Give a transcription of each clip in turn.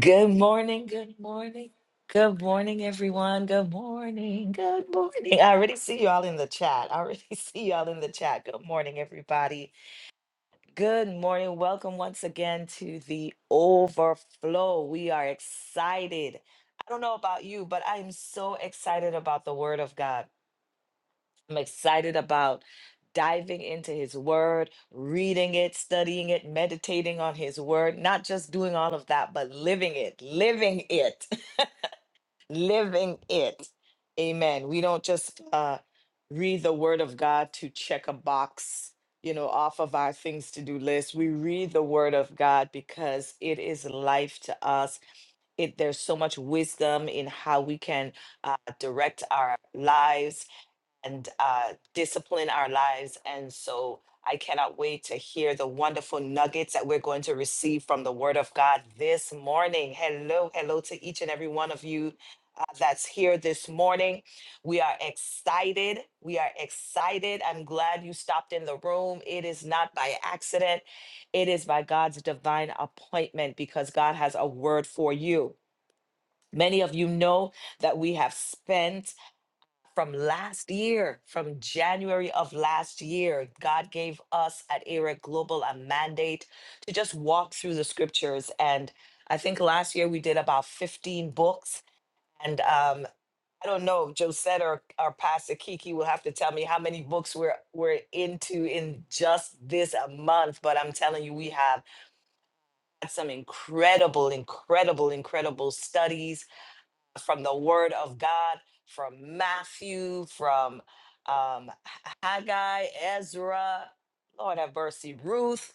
Good morning, good morning, good morning, everyone. Good morning, good morning. I already see y'all in the chat. I already see y'all in the chat. Good morning, everybody. Good morning. Welcome once again to the overflow. We are excited. I don't know about you, but I'm so excited about the word of God. I'm excited about diving into his word, reading it, studying it, meditating on his word, not just doing all of that, but living it, living it, living it. Amen. We don't just uh, read the word of God to check a box, you know, off of our things to do list. We read the word of God because it is life to us. It, there's so much wisdom in how we can uh, direct our lives and uh, discipline our lives. And so I cannot wait to hear the wonderful nuggets that we're going to receive from the Word of God this morning. Hello, hello to each and every one of you uh, that's here this morning. We are excited. We are excited. I'm glad you stopped in the room. It is not by accident, it is by God's divine appointment because God has a word for you. Many of you know that we have spent from last year, from January of last year, God gave us at ERIC Global a mandate to just walk through the scriptures. And I think last year we did about 15 books. And um, I don't know, Josette or, or Pastor Kiki will have to tell me how many books we're, we're into in just this a month. But I'm telling you, we have had some incredible, incredible, incredible studies from the word of God, from Matthew, from um, Haggai, Ezra, Lord have mercy, Ruth,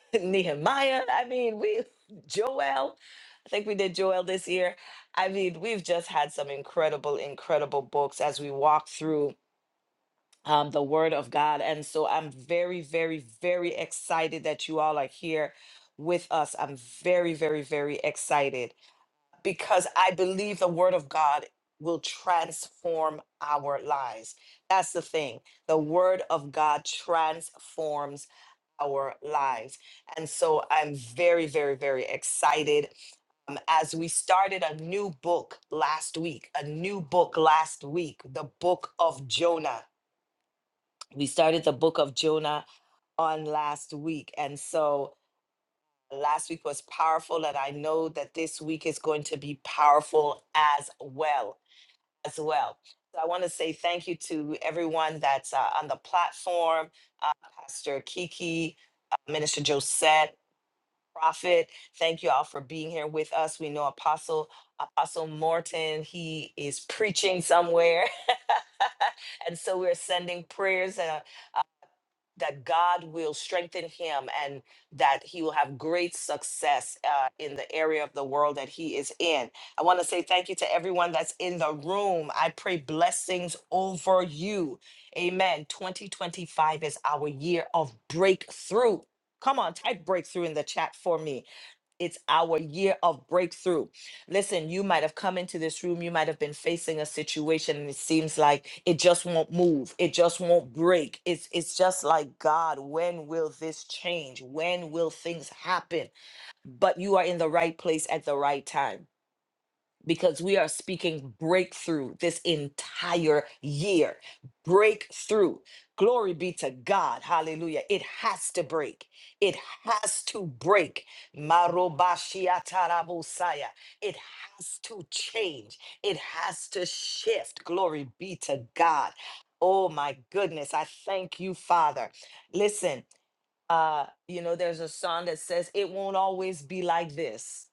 Nehemiah. I mean, we, Joel, I think we did Joel this year. I mean, we've just had some incredible, incredible books as we walk through. Um, the word of God. And so I'm very, very, very excited that you all are here with us. I'm very, very, very excited because I believe the word of God will transform our lives. That's the thing. The word of God transforms our lives. And so I'm very, very, very excited. Um, as we started a new book last week, a new book last week, the book of Jonah. We started the book of Jonah on last week. And so Last week was powerful, and I know that this week is going to be powerful as well. As well. So I want to say thank you to everyone that's uh, on the platform, uh, Pastor Kiki, uh, Minister Josette, Prophet. Thank you all for being here with us. We know Apostle Apostle Morton. He is preaching somewhere, and so we're sending prayers. uh, that God will strengthen him and that he will have great success uh, in the area of the world that he is in. I want to say thank you to everyone that's in the room. I pray blessings over you. Amen. 2025 is our year of breakthrough. Come on, type breakthrough in the chat for me. It's our year of breakthrough. Listen, you might have come into this room, you might have been facing a situation and it seems like it just won't move. It just won't break. It's it's just like God, when will this change? When will things happen? But you are in the right place at the right time because we are speaking breakthrough this entire year. Breakthrough. Glory be to God. Hallelujah. It has to break. It has to break. Marobashiatarabosaya. It has to change. It has to shift. Glory be to God. Oh my goodness. I thank you, Father. Listen, uh, you know, there's a song that says, It won't always be like this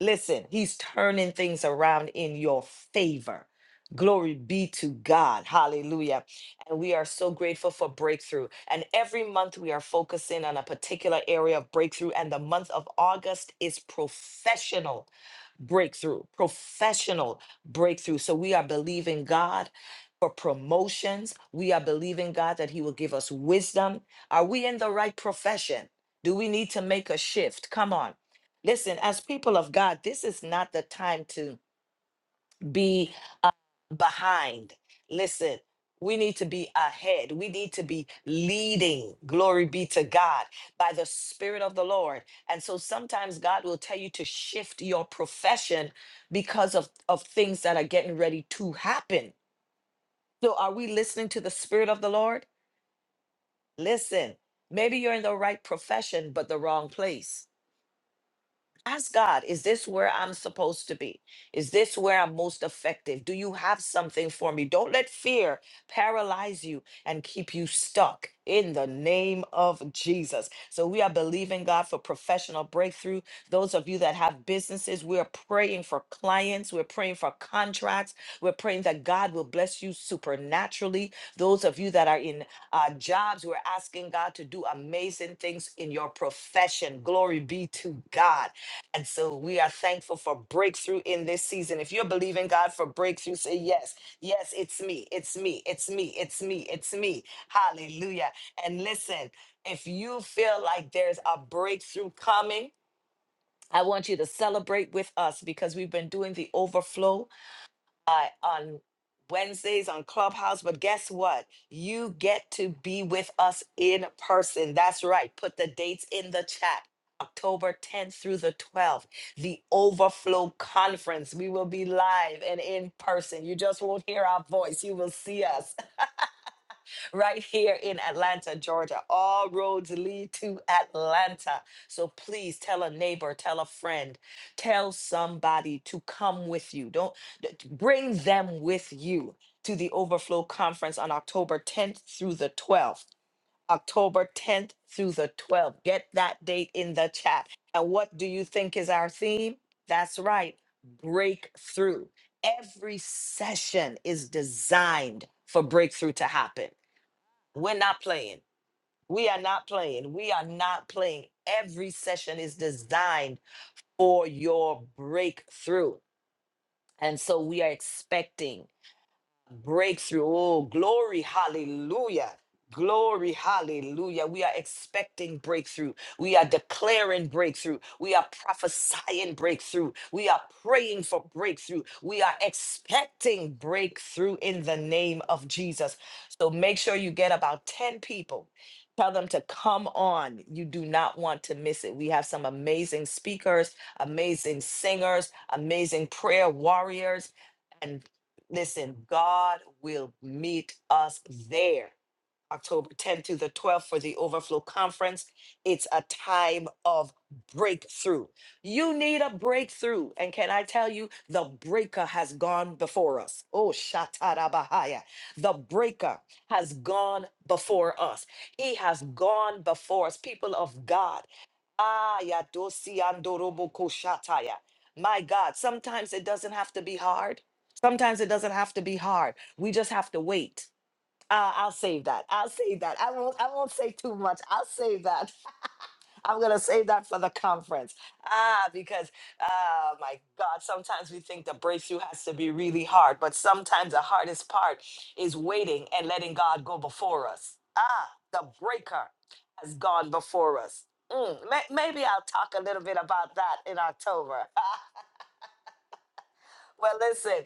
Listen, he's turning things around in your favor. Glory be to God. Hallelujah. And we are so grateful for breakthrough. And every month we are focusing on a particular area of breakthrough. And the month of August is professional breakthrough, professional breakthrough. So we are believing God for promotions. We are believing God that He will give us wisdom. Are we in the right profession? Do we need to make a shift? Come on. Listen, as people of God, this is not the time to be behind. Listen, we need to be ahead. We need to be leading. Glory be to God by the Spirit of the Lord. And so sometimes God will tell you to shift your profession because of, of things that are getting ready to happen. So, are we listening to the Spirit of the Lord? Listen, maybe you're in the right profession, but the wrong place. Ask God, is this where I'm supposed to be? Is this where I'm most effective? Do you have something for me? Don't let fear paralyze you and keep you stuck in the name of Jesus. So, we are believing God for professional breakthrough. Those of you that have businesses, we are praying for clients, we're praying for contracts, we're praying that God will bless you supernaturally. Those of you that are in uh, jobs, we're asking God to do amazing things in your profession. Glory be to God. And so we are thankful for breakthrough in this season. If you're believing God for breakthrough, say yes. Yes, it's me. It's me. It's me. It's me. It's me. Hallelujah. And listen, if you feel like there's a breakthrough coming, I want you to celebrate with us because we've been doing the overflow uh, on Wednesdays on Clubhouse. But guess what? You get to be with us in person. That's right. Put the dates in the chat. October 10th through the 12th, the Overflow Conference. We will be live and in person. You just won't hear our voice. You will see us right here in Atlanta, Georgia. All roads lead to Atlanta. So please tell a neighbor, tell a friend, tell somebody to come with you. Don't d- d- bring them with you to the Overflow Conference on October 10th through the 12th. October 10th through the 12th. Get that date in the chat. And what do you think is our theme? That's right, breakthrough. Every session is designed for breakthrough to happen we're not playing. We are not playing. We are not playing. Every session is designed for your breakthrough. And so we are expecting breakthrough. Oh, glory, hallelujah. Glory, hallelujah. We are expecting breakthrough. We are declaring breakthrough. We are prophesying breakthrough. We are praying for breakthrough. We are expecting breakthrough in the name of Jesus. So make sure you get about 10 people. Tell them to come on. You do not want to miss it. We have some amazing speakers, amazing singers, amazing prayer warriors Listen, God will meet us there. October 10th to the 12th for the Overflow Conference. It's a time of breakthrough. You need a breakthrough. And can I tell you, the breaker has gone before us. Oh, Shatarabahaya. The breaker has gone before us. He has gone before us, people of God. Ah, ya dosi andorobo koshataya. My God, sometimes it doesn't have to be hard. Sometimes it doesn't have to be hard. We just have to wait. Uh, I'll save that. I'll save that. I won't. I won't say too much. I'll save that. I'm gonna save that for the conference. Ah, because ah, my God, sometimes we think the breakthrough has to be really hard, but sometimes the hardest part is waiting and letting God go before us. Ah, the breaker has gone before us. Mm, may- maybe I'll talk a little bit about that in October. well, listen.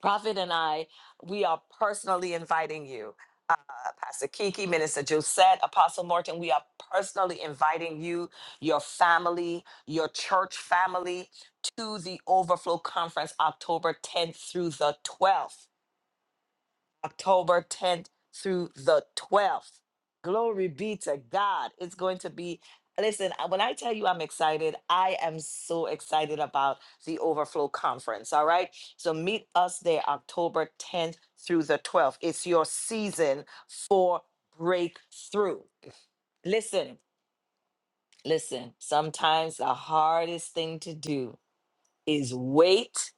Prophet and I, we are personally inviting you. Uh, Pastor Kiki, Minister Josette, Apostle Martin, we are personally inviting you, your family, your church family to the Overflow Conference October 10th through the 12th. October 10th through the 12th. Glory be to God. It's going to be, listen, I- when I tell you I'm excited, I am so excited about the Overflow Conference. All right. So meet us there October 10th through the 12th. It's your season for breakthrough. Listen, listen, sometimes the hardest thing to do is wait,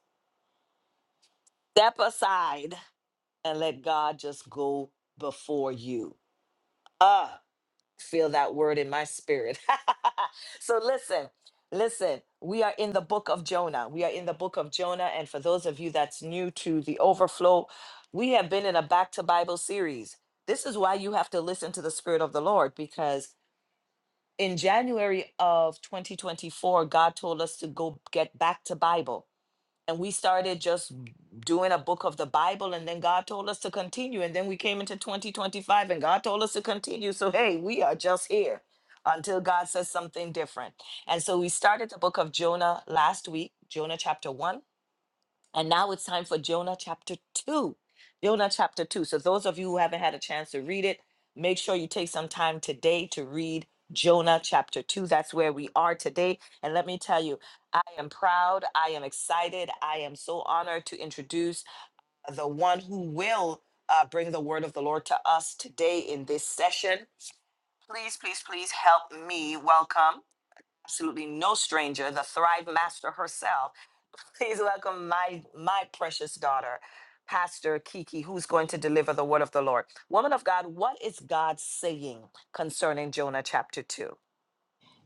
step aside, and let God just go before you. Uh, feel that word in my spirit. so listen, listen, we are in the book of Jonah. We are in the book of Jonah. And for those of you that's new to the overflow, we have been in a back to Bible series. This is why you have to listen to the Spirit of the Lord because in January of 2024, God told us to go get back to Bible and we started just doing a book of the Bible, and then God told us to continue. And then we came into 2025, and God told us to continue. So, hey, we are just here until God says something different. And so we started the book of Jonah last week, Jonah chapter 1 and now it's time for Jonah chapter 2. Jonah chapter 2. So, those of you who haven't had a chance to read it, make sure you take some time today to read Jonah chapter 2. That's where we are today. And let me tell you, I am proud. I am excited. I am so honored to introduce the one who will uh, bring the word of the Lord to us today in this session. Please, please, please help me welcome absolutely no stranger, the Thrive Master herself. Please welcome my my precious daughter, Pastor Kiki, who's going to deliver the word of the Lord. Woman of God, what is God saying concerning Jonah chapter 2?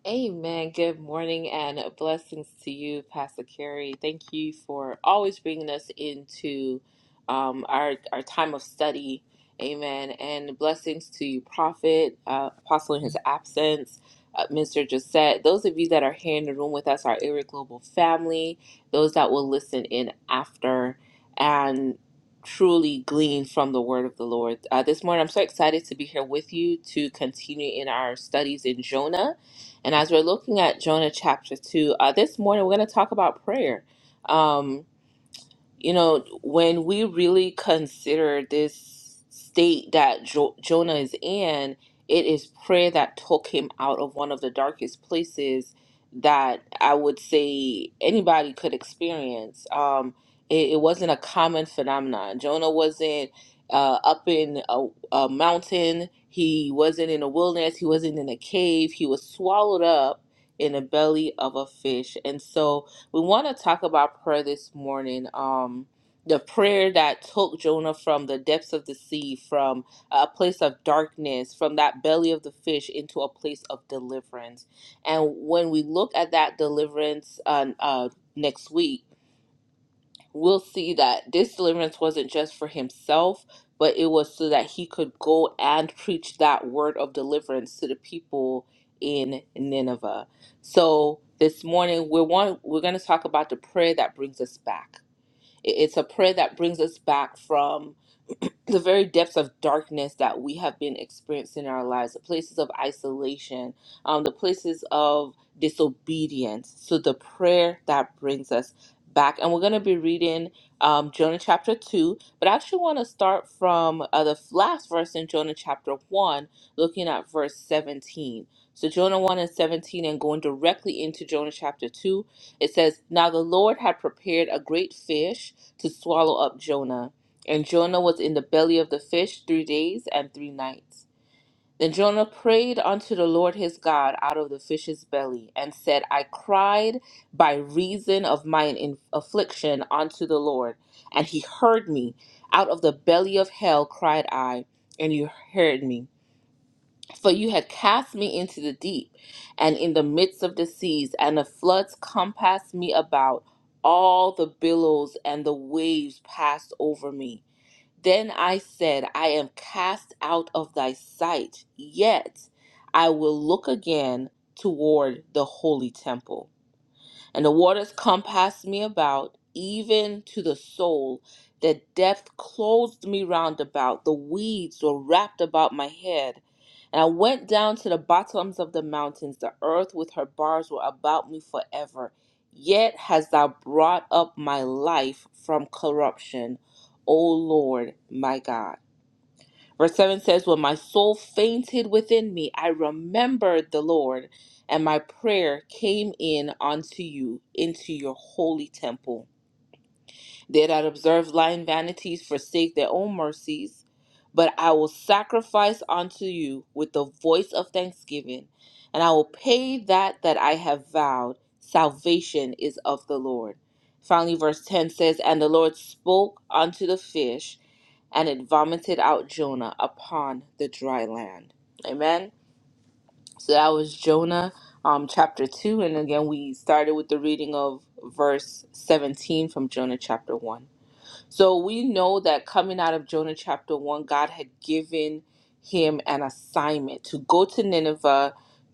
Amen. Good morning and blessings to you, Pastor Carey. Thank you for always bringing us into um, our our time of study. Amen. And blessings to you, Prophet, uh, Apostle in his absence, uh, Mr. Josette. Those of you that are here in the room with us, our Area Global family, those that will listen in after and truly glean from the word of the Lord. Uh, this morning, I'm so excited to be here with you to continue in our studies in Jonah. And as we're looking at Jonah chapter 2, uh, this morning we're going to talk about prayer. Um, you know, when we really consider this state that jo- Jonah is in, it is prayer that took him out of one of the darkest places that I would say anybody could experience. Um, it, it wasn't a common phenomenon. Jonah wasn't uh, up in a, a mountain, he wasn't in a wilderness, he wasn't in a cave, he was swallowed up in the belly of a fish. And so, we want to talk about prayer this morning. Um, the prayer that took Jonah from the depths of the sea, from a place of darkness, from that belly of the fish into a place of deliverance. And when we look at that deliverance uh, uh, next week, we'll see that this deliverance wasn't just for himself, but it was so that he could go and preach that word of deliverance to the people in Nineveh. So this morning we're one we're going to talk about the prayer that brings us back. I- It's a prayer that brings us back from the very depths of darkness that we have been experiencing in our lives, the places of isolation, um, the places of disobedience. So the prayer that brings us back, and we're going to be reading um, Jonah chapter two, but I actually want to start from uh, the last verse in Jonah chapter one, looking at verse seventeen. So Jonah one and seventeen, and going directly into Jonah chapter two, it says, "Now the Lord had prepared a great fish to swallow up Jonah." And Jonah was in the belly of the fish three days and three nights. Then Jonah prayed unto the Lord his God out of the fish's belly, and said, I cried by reason of mine in- affliction unto the Lord, and he heard me. Out of the belly of hell cried I, and you heard me. For you had cast me into the deep, and in the midst of the seas, and the floods compassed me about. All the billows and the waves passed over me. Then I said, I am cast out of thy sight, yet I will look again toward the holy temple and the waters compassed me about, even to the soul. The depth clothed me round about, the weeds were wrapped about my head. And I went down to the bottoms of the mountains, the earth with her bars were about me forever. Yet hast thou brought up my life from corruption, O Lord my God. Verse 7 says, When my soul fainted within me, I remembered the Lord, and my prayer came in unto you, into your holy temple. They that observe lying vanities forsake their own mercies, but I will sacrifice unto you with the voice of thanksgiving, and I will pay that that I have vowed. Salvation is of the Lord. Finally, verse 10 says, And the Lord spoke unto the fish and it vomited out Jonah upon the dry land. Amen. So that was Jonah um, chapter 2. And again, we started with the reading of verse 17 from Jonah chapter 1. So we know that coming out of Jonah chapter 1, God had given him an assignment to go to Nineveh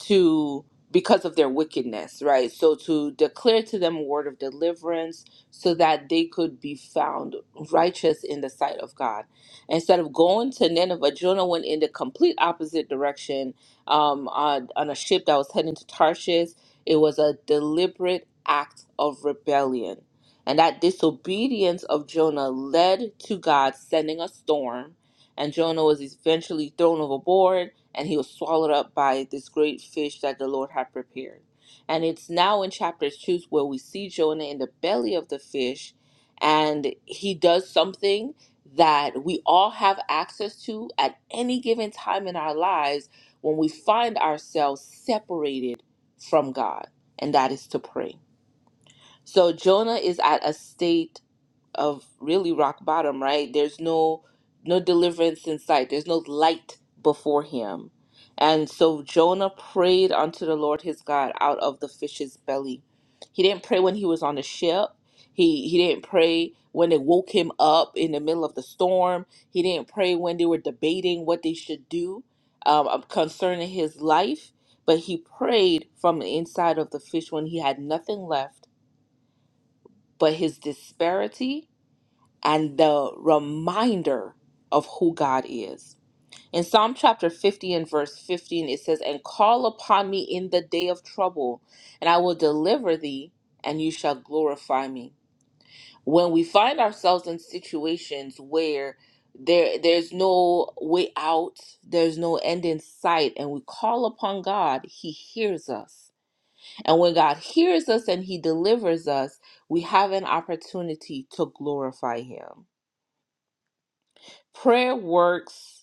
to because of their wickedness, right? So to declare to them a word of deliverance so that they could be found righteous in the sight of God. Instead of going to Nineveh, Jonah went in the complete opposite direction um, on, on a ship that was heading to Tarshish. It was a deliberate act of rebellion and that disobedience of Jonah led to God sending a storm, and Jonah was eventually thrown overboard and he was swallowed up by this great fish that the Lord had prepared. And it's now in chapter 2 where we see Jonah in the belly of the fish, and he does something that we all have access to at any given time in our lives when we find ourselves separated from God, and that is to pray so Jonah is at a state of really rock bottom, right? There's no no deliverance in sight. There's no light before him. And so Jonah prayed unto the Lord his God out of the fish's belly. He didn't pray when he was on the ship. He he didn't pray when they woke him up in the middle of the storm. He didn't pray when they were debating what they should do um, um, concerning his life. But he prayed from the inside of the fish when he had nothing left but his disparity and the reminder of who God is. In Psalm chapter 50 and verse 15, it says, And call upon me in the day of trouble, and I will deliver thee, and you shall glorify me. When we find ourselves in situations where there there's no way out, there's no end in sight, and we call upon God, he hears us. And when God hears us and He delivers us, we have an opportunity to glorify Him. Prayer works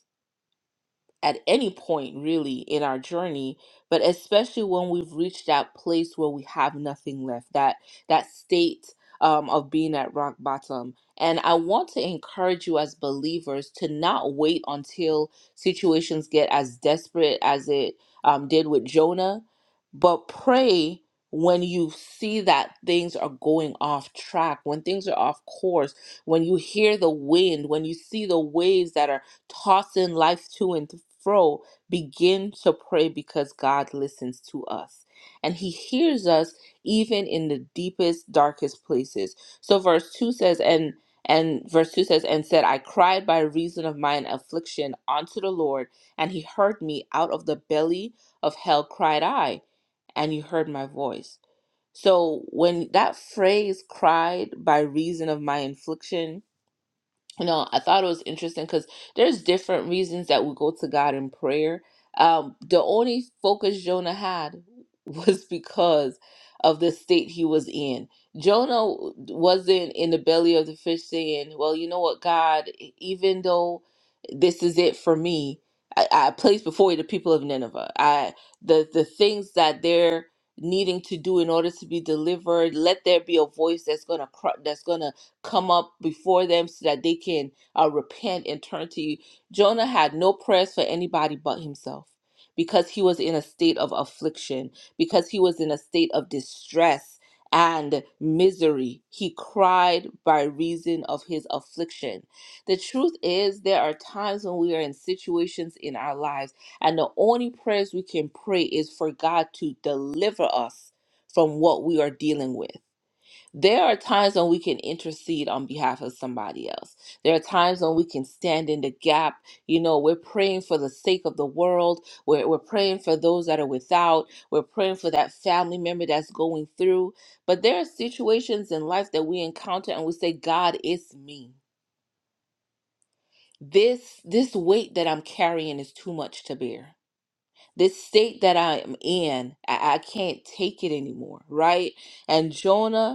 at any point really in our journey but especially when we've reached that place where we have nothing left that that state um, of being at rock bottom and i want to encourage you as believers to not wait until situations get as desperate as it um, did with jonah but pray when you see that things are going off track when things are off course when you hear the wind when you see the waves that are tossing life to and fro, begin to pray because God listens to us and He hears us even in the deepest, darkest places. So, verse 2 says, and and verse 2 says, And said, I cried by reason of mine affliction unto the Lord, and he heard me out of the belly of hell cried I, and you heard my voice. So when that phrase cried by reason of my affliction you know i thought it was interesting because there's different reasons that we go to god in prayer um the only focus jonah had was because of the state he was in jonah wasn't in the belly of the fish saying well you know what god e-, even though this is it for me i, I place before you the people of nineveh i the the things that they're needing to do in order to be delivered let there be a voice that's gonna cry, that's gonna come up before them so that they can uh, repent and turn to you. Jonah had no prayers for anybody but himself because he was in a state of affliction, because he was in a state of distress and misery. He cried by reason of his affliction. The truth is, there are times when we are in situations in our lives, and the only prayers we can pray is for God to deliver us from what we are dealing with there are times when we can intercede on behalf of somebody else. There are times when we can stand in the gap. You know, we're praying for the sake of the world. We're, we're praying for those that are without. We're praying for that family member that's going through. But there are situations in life that we encounter and we say, God, it's me. This this weight that I'm carrying is too much to bear. This state that I am in, I, I can't take it anymore, right? And Jonah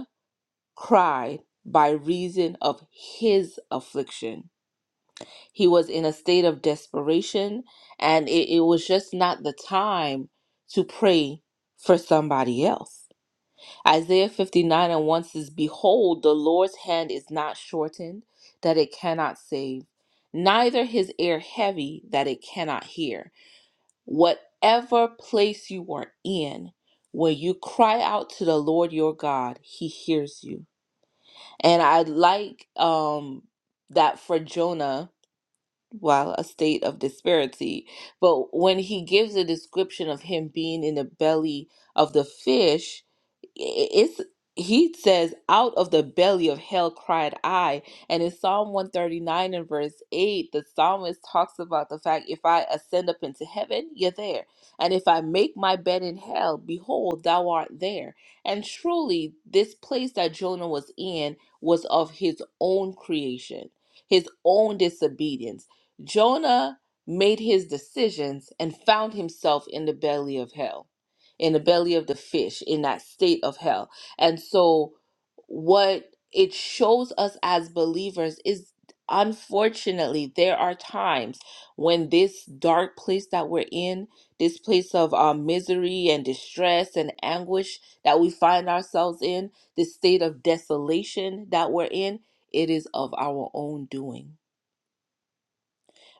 cried by reason of his affliction. He was in a state of desperation, and it, it was just not the time to pray for somebody else. Isaiah 59 and 1 says, Behold, the Lord's hand is not shortened, that it cannot save, neither his ear heavy, that it cannot hear. Whatever place you are in, when you cry out to the Lord your God, he hears you and I like um that for Jonah while a state of disparity. But when he gives a description of him being in the belly of the fish, i- it's he says, Out of the belly of hell cried I. And in Psalm 139 and verse 8, the psalmist talks about the fact if I ascend up into heaven, you're there. And if I make my bed in hell, behold, thou art there. And truly, this place that Jonah was in was of his own creation, his own disobedience Jonah made his decisions and found himself in the belly of hell, in the belly of the fish, in that state of hell. And so, what it shows us as believers is unfortunately, there are times when this dark place that we're in, this place of um, misery and distress and anguish that we find ourselves in, this state of desolation that we're in, it is of our own doing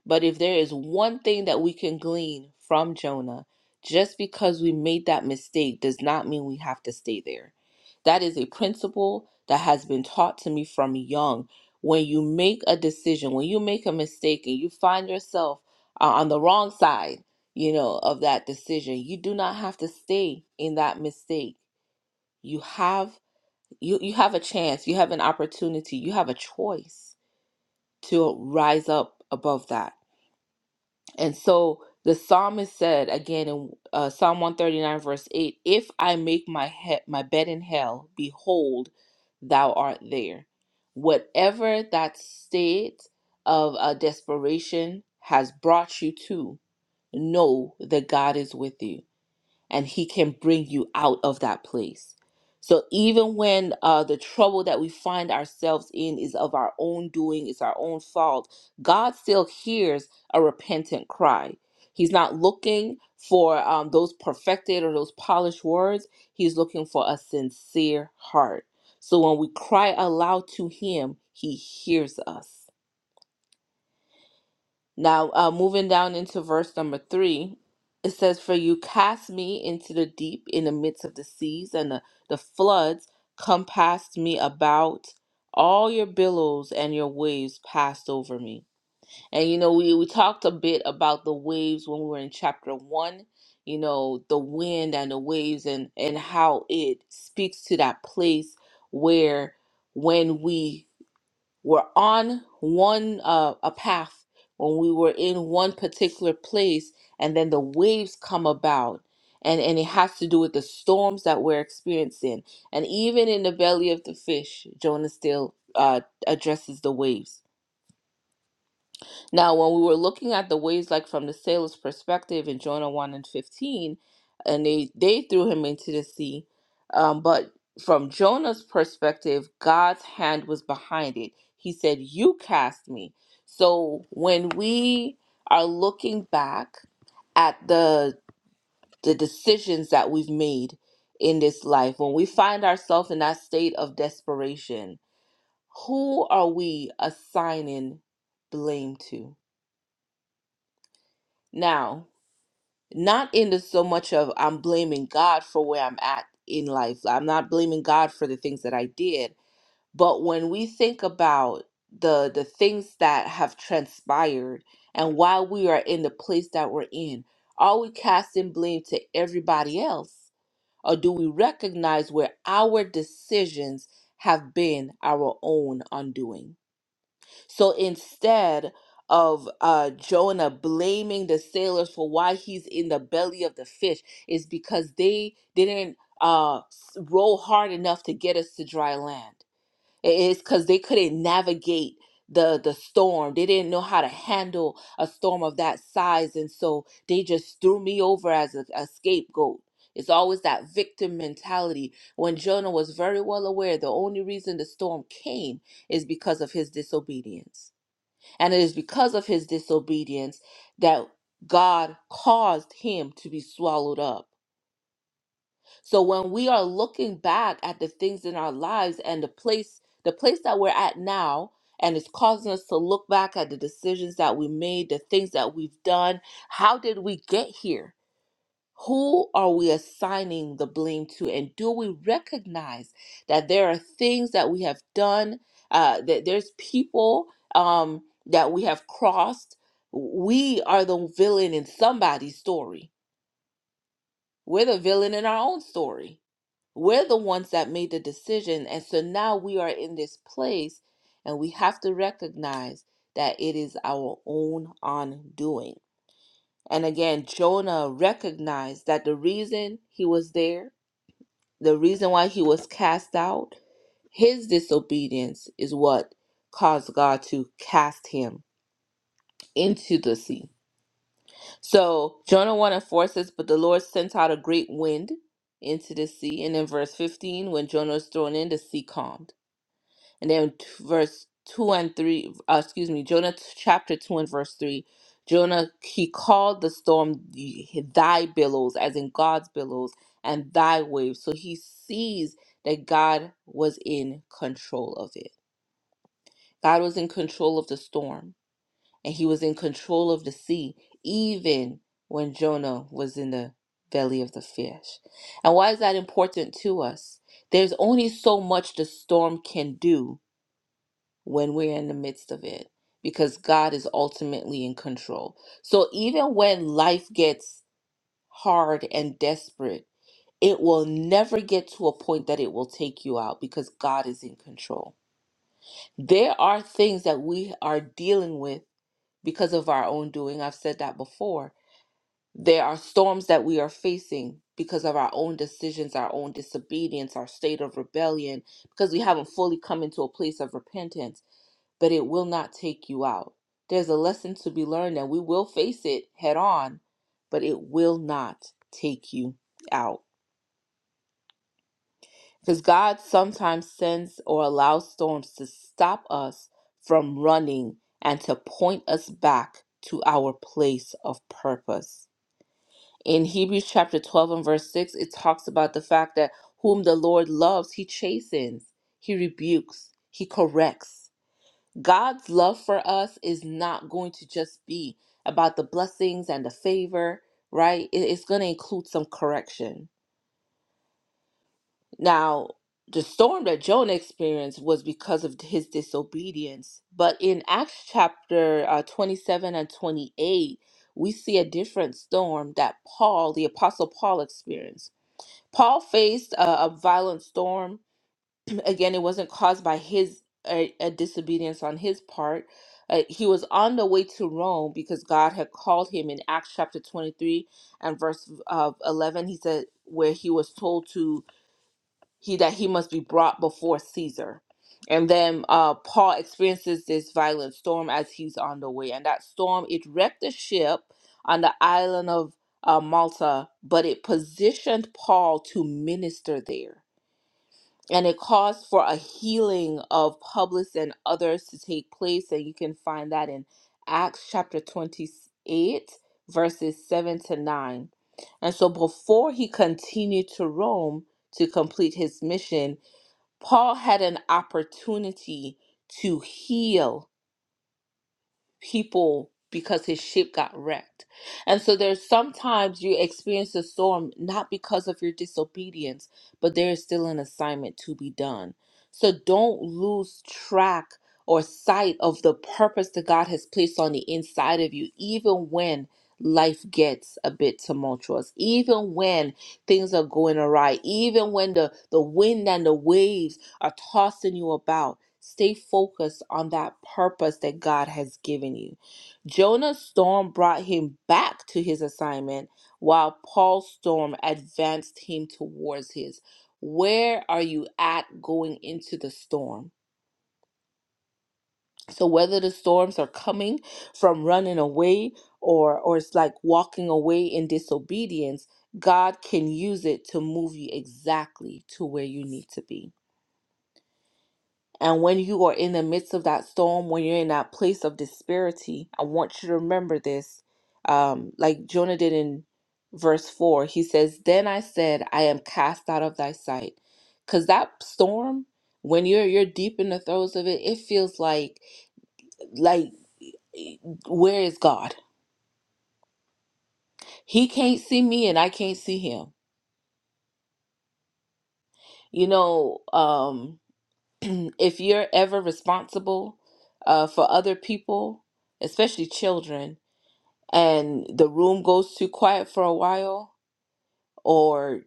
but if there is one thing that we can glean from Jonah, just because we made that mistake does not mean we have to stay there. That is a principle that has been taught to me from young. When you make a decision, when you make a mistake and you find yourself uh, on the wrong side, you know, of that decision, you do not have to stay in that mistake. You have you you have a chance, you have an opportunity, you have a choice to rise up above that and so the psalmist said again in uh, Psalm 139, verse 8 If I make my, he- my bed in hell, behold, thou art there. Whatever that state of uh, desperation has brought you to, know that God is with you and he can bring you out of that place so even when uh, the trouble that we find ourselves in is of our own doing it's our own fault god still hears a repentant cry he's not looking for um, those perfected or those polished words he's looking for a sincere heart so when we cry aloud to him he hears us now, uh, moving down into verse number three, it says, For you cast me into the deep in the midst of the seas, and the, the floods compassed me about. All your billows and your waves passed over me. And you know, we, we talked a bit about the waves when we were in chapter one, you know, the wind and the waves and, and how it speaks to that place where when we were on one uh, a path when we were in one particular place and then the waves come about and and it has to do with the storms that we're experiencing and even in the belly of the fish jonah still uh, addresses the waves now, when we were looking at the ways, like from the sailor's perspective in Jonah 1 and 15, and they, they threw him into the sea, um, but from Jonah's perspective, God's hand was behind it. He said, You cast me. So when we are looking back at the the decisions that we've made in this life, when we find ourselves in that state of desperation, who are we assigning blame to? Now, not in the so much of I'm blaming God for where I'm at in life. I'm not blaming God for the things that I did, but when we think about the the things that have transpired and why we are in the place that we're in, are we casting blame to everybody else, or do we recognize where our decisions have been our own undoing? So instead of uh, Jonah blaming the sailors for why he's in the belly of the fish, is because they didn't uh, s- row hard enough to get us to dry land. It's because they couldn't navigate the the storm. They didn't know how to handle a storm of that size, and so they just threw me over as a, a scapegoat. It's always that victim mentality. When Jonah was very well aware, the only reason the storm came is because of his disobedience. And it is because of his disobedience that God caused him to be swallowed up. So when we are looking back at the things in our lives and the place the place that we're at now and it's causing us to look back at the decisions that we made, the things that we've done, how did we get here? Who are we assigning the blame to? And do we recognize that there are things that we have done, uh, that there's people um, that we have crossed? We are the villain in somebody's story. We're the villain in our own story. We're the ones that made the decision. And so now we are in this place and we have to recognize that it is our own undoing. And again, Jonah recognized that the reason he was there the reason why he was cast out, his disobedience is what caused God to cast him into the sea. So Jonah 1 and 4 says, But the Lord sent out a great wind into the sea. And in verse 15, when Jonah was thrown in, the sea calmed. And then t- verse 2 and 3, uh, excuse me, Jonah t- chapter 2 and verse 3. Jonah, he called the storm the- thy billows, as in God's billows, and thy waves. So he sees that God was in control of it. God was in control of the storm, and he was in control of the sea, even when Jonah was in the belly of the fish. And why is that important to us? There's only so much the storm can do when we're in the midst of it because God is ultimately in control. So even when life gets hard and desperate, it will never get to a point that it will take you out because God is in control. There are things that we are dealing with because of our own doing. I've said that before. There are storms that we are facing because of our own decisions, our own disobedience, our state of rebellion, because we haven't fully come into a place of repentance but it will not take you out. There's a lesson to be learned, and we will face it head on, but it will not take you out. Because God sometimes sends or allows storms to stop us from running and to point us back to our place of purpose. In Hebrews chapter 12 and verse 6, it talks about the fact that whom the Lord loves, he chastens, he rebukes, he corrects God's love for us is not going to just be about the blessings and the favor, right? It- It's going to include some correction. Now, the storm that Jonah experienced was because of his disobedience. But in Acts chapter uh, 27 and 28, we see a different storm that Paul, the Apostle Paul, experienced. Paul faced a, a violent storm again it wasn't caused by his a, a disobedience on his part uh, he was on the way to rome because god had called him in acts chapter 23 and verse uh, 11 he said where he was told to he that he must be brought before caesar and then uh, paul experiences this violent storm as he's on the way and that storm it wrecked the ship on the island of uh, malta but it positioned paul to minister there and it calls for a healing of Publius and others to take place. And you can find that in Acts chapter 28, verses 7 to 9. And so before he continued to Rome to complete his mission, Paul had an opportunity to heal people because his ship got wrecked. And so there's sometimes you experience a storm not because of your disobedience, but there is still an assignment to be done. So don't lose track or sight of the purpose that God has placed on the inside of you, even when life gets a bit tumultuous, even when things are going awry, even when the, the wind and the waves are tossing you about, stay focused on that purpose that God has given you. Jonah's storm brought him back to his assignment, while Paul's storm advanced him towards his. Where are you at going into the storm? So whether the storms are coming from running away or or it's like walking away in disobedience, God can use it to move you exactly to where you need to be. And when you are in the midst of that storm, when you're in that place of disparity, I want you to remember this. Um, like Jonah did in verse 4, he says, Then I said, I am cast out of thy sight. Because that storm, when you're you're deep in the throes of it, it feels like like where is God? He can't see me and I can't see him. You know, um, if you're ever responsible uh, for other people, especially children, and the room goes too quiet for a while or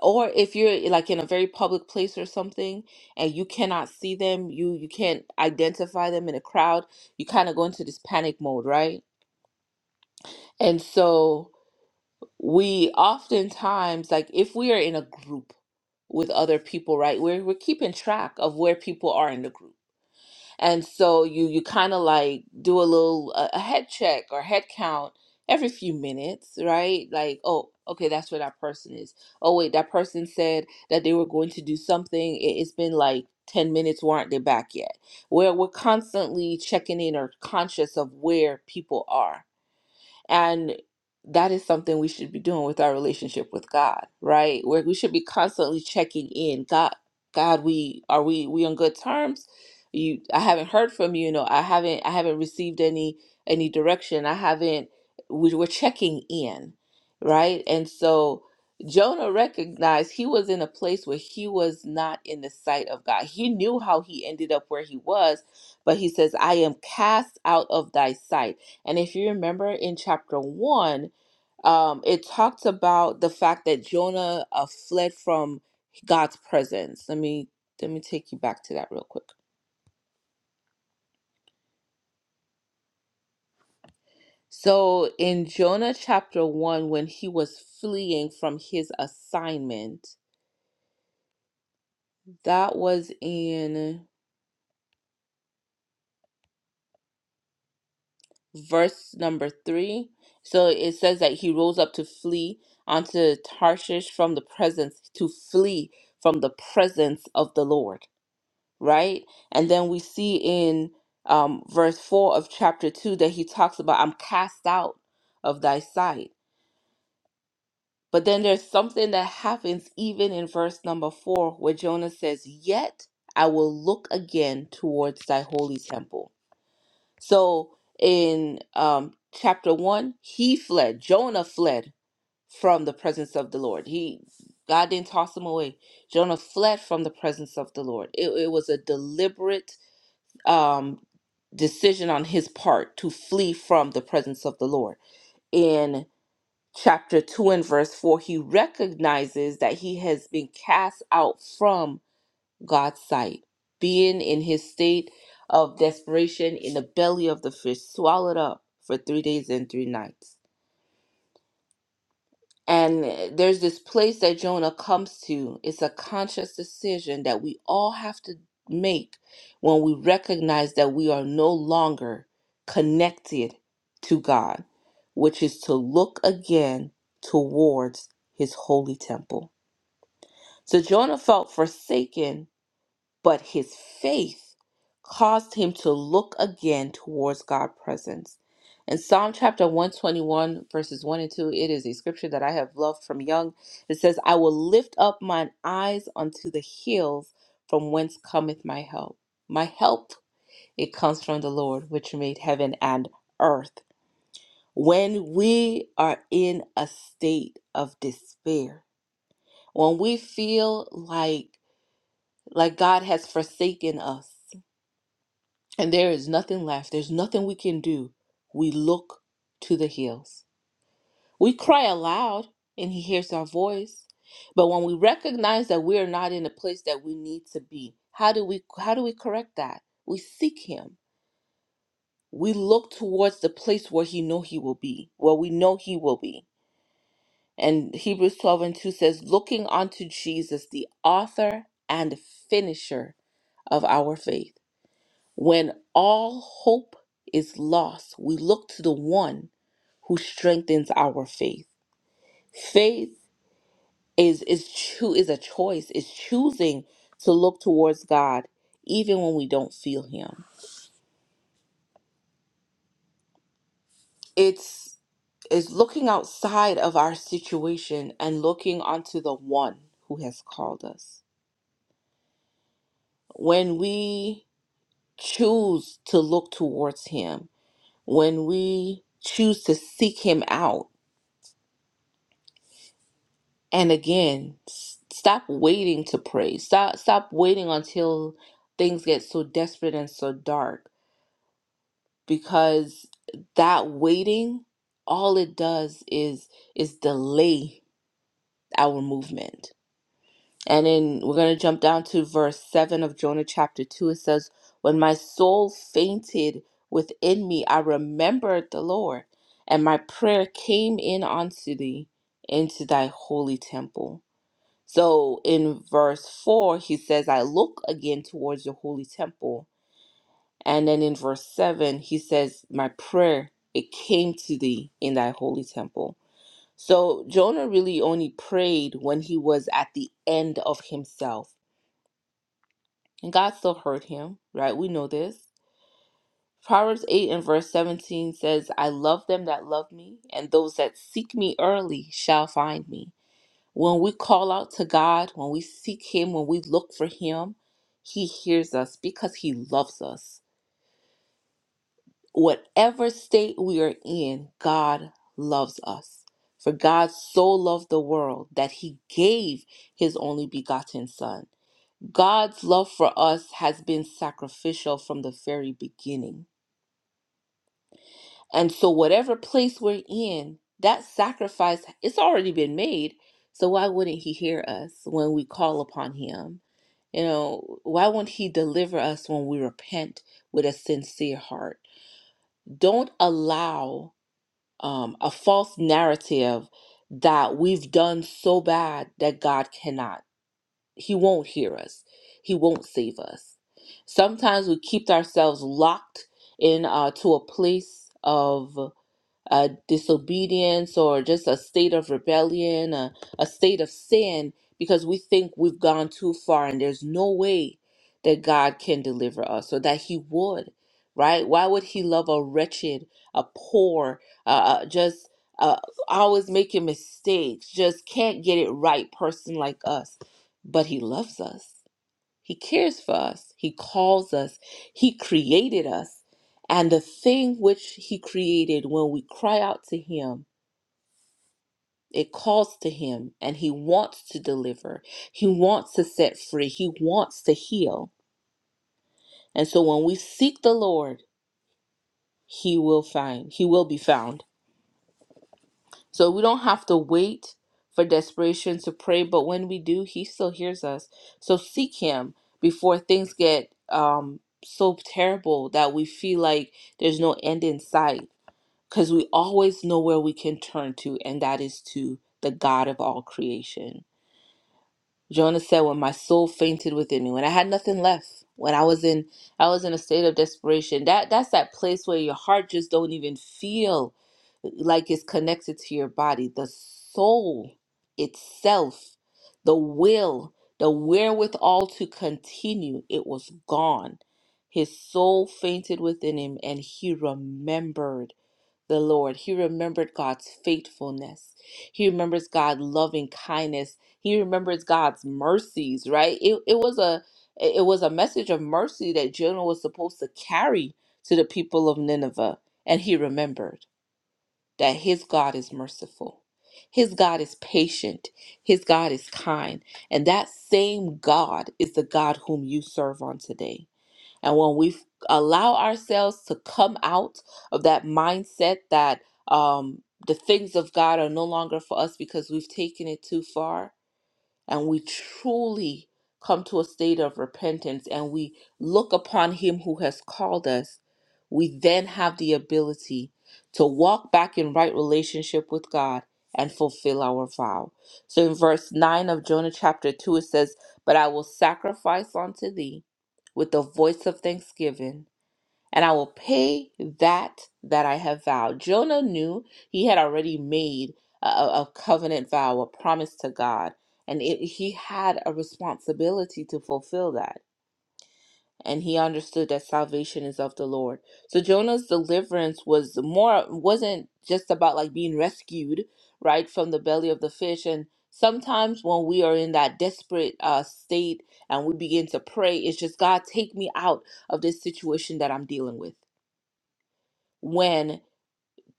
or if you're like in a very public place or something and you cannot see them you you can't identify them in a crowd you kind of go into this panic mode right and so we oftentimes like if we are in a group with other people right we're, we're keeping track of where people are in the group and so you you kind of like do a little a, a head check or head count every few minutes right like oh okay that's where that person is oh wait that person said that they were going to do something it, it's been like 10 minutes why aren't they back yet where we're constantly checking in or conscious of where people are and that is something we should be doing with our relationship with God, right? Where we should be constantly checking in. God, God, we are we we on good terms? You I haven't heard from you, you know, I haven't I haven't received any any direction. I haven't we were checking in, right? And so Jonah recognized he was in a place where he was not in the sight of God. He knew how he ended up where he was, but he says, I am cast out of thy sight. And if you remember in chapter one, um, it talks about the fact that Jonah uh, fled from God's presence. Let me let me take you back to that real quick. So in Jonah chapter one, when he was fleeing from his assignment, that was in verse number three. So it says that he rose up to flee onto Tarshish from the presence to flee from the presence of the Lord. right? And then we see in um, verse 4 of chapter 2 that he talks about, I'm cast out of thy sight. But then there's something that happens even in verse number 4 where Jonah says, Yet I will look again towards thy holy temple. So in um, chapter 1, he fled. Jonah fled from the presence of the Lord. He God didn't toss him away. Jonah fled from the presence of the Lord. It, it was a deliberate um, decision on his part to flee from the presence of the Lord. In chapter 2 and verse 4, he recognizes that he has been cast out from God's sight, being in his state of desperation in the belly of the fish, swallowed up for three days and three nights And eh, there's this place that Jonah comes to. It's a conscious decision that we all have to make when we recognize that we are no longer connected to God, which is to look again towards his holy temple. So Jonah felt forsaken but his faith caused him to look again towards God's presence. In Psalm chapter 121, verses 1 and 2, it is a scripture that I have loved from young. It says, I will lift up mine eyes unto the hills from whence cometh my help. My help, it comes from the Lord, which made heaven and earth. When we are in a state of despair, when we feel like like God has forsaken us, and there is nothing left. There's nothing we can do. We look to the hills. We cry aloud, and He hears our voice. But when we recognize that we are not in the place that we need to be, how do we how do we correct that? We seek Him. We look towards the place where He know He will be, where we know He will be. And Hebrews 12 and 2 says, looking unto Jesus, the author and finisher of our faith When all hope is lost, we look to the one who strengthens our faith. Faith is is choo- is a choice, is choosing to look towards God even when we don't feel him. It's is looking outside of our situation and looking onto the one who has called us. When we choose to look towards him, when we choose to seek him out, and again s- stop waiting to pray stop stop waiting until things get so desperate and so dark because that waiting all it does is is delay our movement and then we're going to jump down to verse 7 of jonah chapter 2 it says when my soul fainted within me i remembered the lord and my prayer came in unto thee into thy holy temple so in verse 4, he says, I look again towards your holy temple. And then in verse 7, he says, My prayer, it came to thee in thy holy temple. So Jonah really only prayed when he was at the end of himself. And God still heard him, right? We know this. Proverbs 8 and verse 17 says, I love them that love me, and those that seek me early shall find me. When we call out to God, when we seek Him, when we look for Him, He hears us because He loves us. Whatever state we are in, God loves us. For God so loved the world that He gave His only begotten Son. God's love for us has been sacrificial from the very beginning. And so, whatever place we're in, that sacrifice, it's already been made. So, why wouldn't He hear us when we call upon Him? You know, why won't He deliver us when we repent with a sincere heart? Don't allow um, a false narrative that we've done so bad that God cannot, He won't hear us, He won't save us. Sometimes we keep ourselves locked in uh, to a place of uh, disobedience or just a state of rebellion, a, a state of sin, because we think we've gone too far and there's no way that God can deliver us or that He would, right? Why would He love a wretched, a poor, uh, uh, just uh, always making mistakes, just can't get it right person like us? But He loves us. He cares for us. He calls us. He created us. And the thing which He created, when we cry out to Him, it calls to Him and He wants to deliver. He wants to set free. He wants to heal. And so when we seek the Lord, He will find. He will be found. So we don't have to wait for desperation to pray, but when we do, He still hears us. So seek Him before things get um, so terrible that we feel like there's no end in sight, because we always know where we can turn to, and that is to the God of all creation. Jonah said, "When my soul fainted within me, when I had nothing left, when I was in, I was in a state of desperation. That that's that place where your heart just don't even feel like it's connected to your body. The soul itself, the will, the wherewithal to continue, it was gone. His soul fainted within him, and he remembered." the Lord. He remembered God's faithfulness. He remembers God's loving kindness. He remembers God's mercies, right? It, it was a it was a message of mercy that Jonah was supposed to carry to the people of Nineveh. And he remembered that his God is merciful. His God is patient. His God is kind. And that same God is the God whom you serve on today. And when we f- allow ourselves to come out of that mindset that um, the things of God are no longer for us because we've taken it too far, and we truly come to a state of repentance and we look upon Him who has called us, we then have the ability to walk back in right relationship with God and fulfill our vow. So in verse 9 of Jonah chapter 2, it says, But I will sacrifice unto thee with the voice of thanksgiving and I will pay that that I have vowed. Jonah knew he had already made a, a covenant vow, a promise to God, and it, he had a responsibility to fulfill that. And he understood that salvation is of the Lord. So Jonah's deliverance was more wasn't just about like being rescued right from the belly of the fish. And sometimes when we are in that desperate uh, state and we begin to pray, it's just God take me out of this situation that I'm dealing with when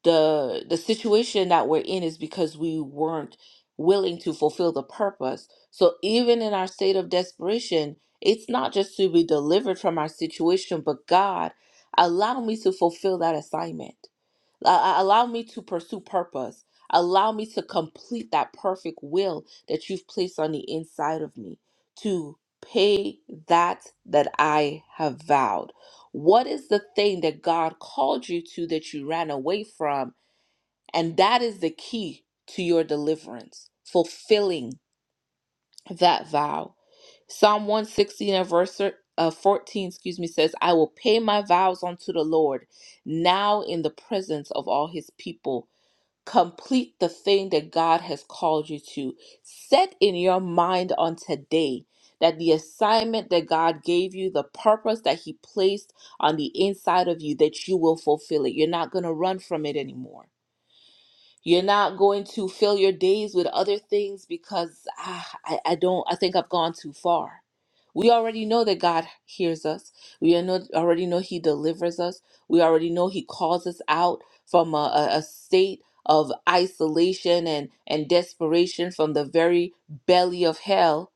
the the situation that we're in is because we weren't willing to fulfill the purpose. So even in our state of desperation, it's not just to be delivered from our situation, but God, allow me to fulfill that assignment. A- a- Allow me to pursue purpose. Allow me to complete that perfect will that you've placed on the inside of me to pay that that I have vowed. What is the thing that God called you to that you ran away from? And that is the key to your deliverance, fulfilling that vow. Psalm 116 and verse uh, 14, excuse me, says, I will pay my vows unto the Lord now in the presence of all his people complete the thing that God has called you to. Set in your mind on today that the assignment that God gave you, the purpose that He placed on the inside of you, that you will fulfill it. You're not going to run from it anymore. You're not going to fill your days with other things because ah, I, I don't, I think I've gone too far. We already know that God hears us. We are know- already know He delivers us. We already know He calls us out from a, a a state of isolation and, and desperation from the very belly of hell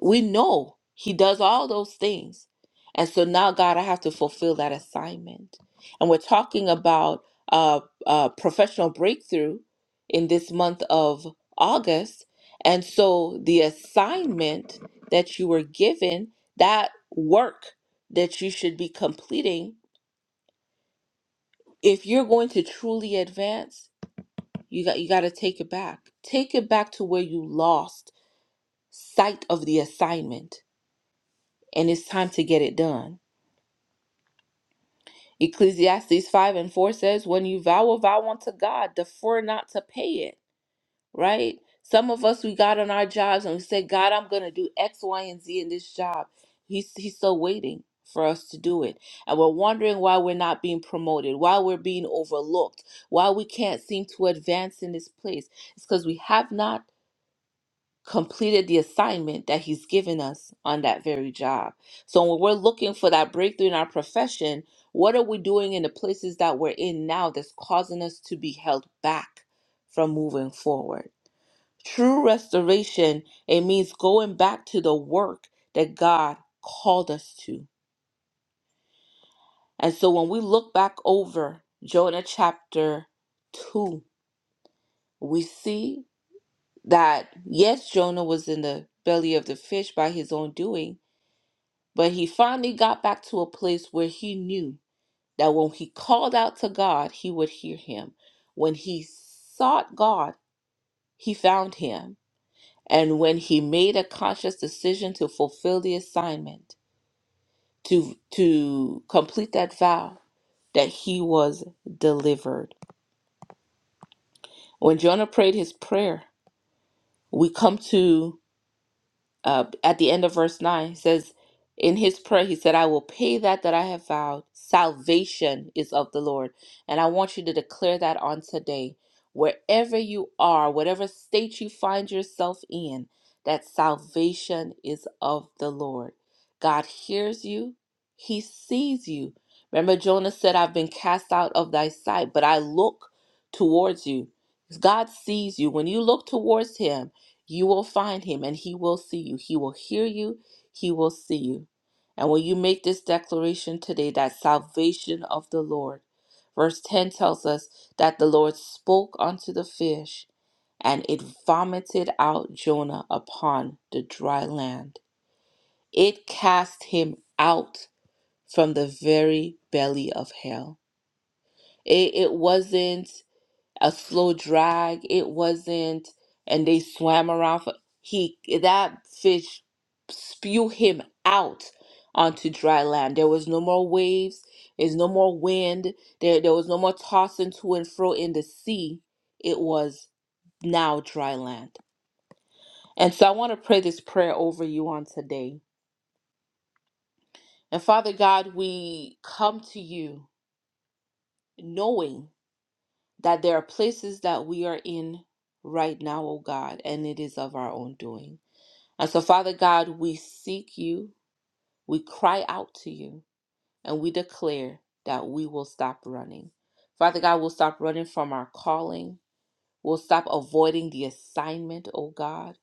we know he does all those things. And so now, God, I have to fulfill that assignment. And we're talking about uh, uh, professional breakthrough in this month of August. And so the assignment that you were given, that work that you should be completing, if you're going to truly advance, you got you got to take it back. Take it back to where you lost sight of the assignment, and it's time to get it done. Ecclesiastes 5 and 4 says, When you vow a vow unto God, defer not to pay it, right? Some of us, we got on our jobs and we said, God, I'm going to do X, Y, and Z in this job. He's, he's still waiting for us to do it. And we're wondering why we're not being promoted, why we're being overlooked, why we can't seem to advance in this place. It's because we have not completed the assignment that he's given us on that very job. So when we're looking for that breakthrough in our profession, what are we doing in the places that we're in now that's causing us to be held back from moving forward? True restoration, it means going back to the work that God called us to. And so when we look back over Jonah chapter 2, we see that yes, Jonah was in the belly of the fish by his own doing, But he finally got back to a place where he knew that when he called out to God, he would hear him. When he sought God, he found him. And when he made a conscious decision to fulfill the assignment, to to complete that vow, that he was delivered. When Jonah prayed his prayer, we come to uh, at the end of verse 9 it says in his prayer he said i will pay that that i have vowed salvation is of the lord and i want you to declare that on today wherever you are whatever state you find yourself in that salvation is of the lord god hears you he sees you remember jonah said i've been cast out of thy sight but i look towards you god sees you when you look towards him you will find him and he will see you. He will hear you. He will see you. And when you make this declaration today, that salvation of the Lord, verse 10 tells us that the Lord spoke unto the fish and it vomited out Jonah upon the dry land. It cast him out from the very belly of hell. It, it wasn't a slow drag. It wasn't, and they swam around for he that fish spew him out onto dry land. There was no more waves. There's no more wind. There there was no more tossing to and fro in the sea. It was now dry land. And so I want to pray this prayer over you on today. And Father God, we come to you knowing. that there are places that we are in right now, O God, and it is of our own doing. And so, Father God, we seek you, we cry out to you, and we declare that we will stop running. Father God, we'll stop running from our calling. We'll stop avoiding the assignment, O God,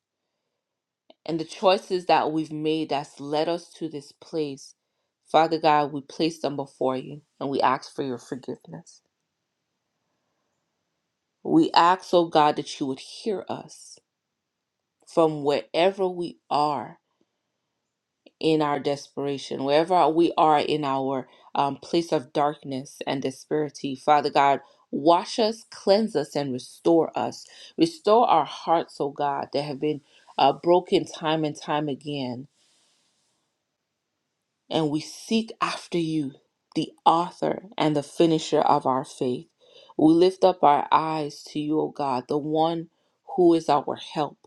and the choices that we've made that's led us to this place. Father God, we place them before you and we ask for your forgiveness. We ask, O God, that you would hear us from wherever we are in our desperation, wherever we are in our um, place of darkness and disparity. Father God, wash us, cleanse us, and restore us. Restore our hearts, O God, that have been uh, broken time and time again. And we seek after you, the author and the finisher of our faith. We lift up our eyes to you, O God, the one who is our help.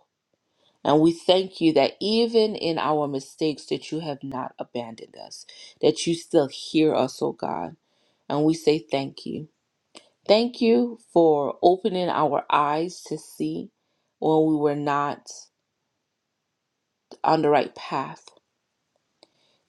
And we thank you that even in our mistakes that you have not abandoned us, that you still hear us, oh God. And we say thank you. Thank you for opening our eyes to see when we were not on the right path.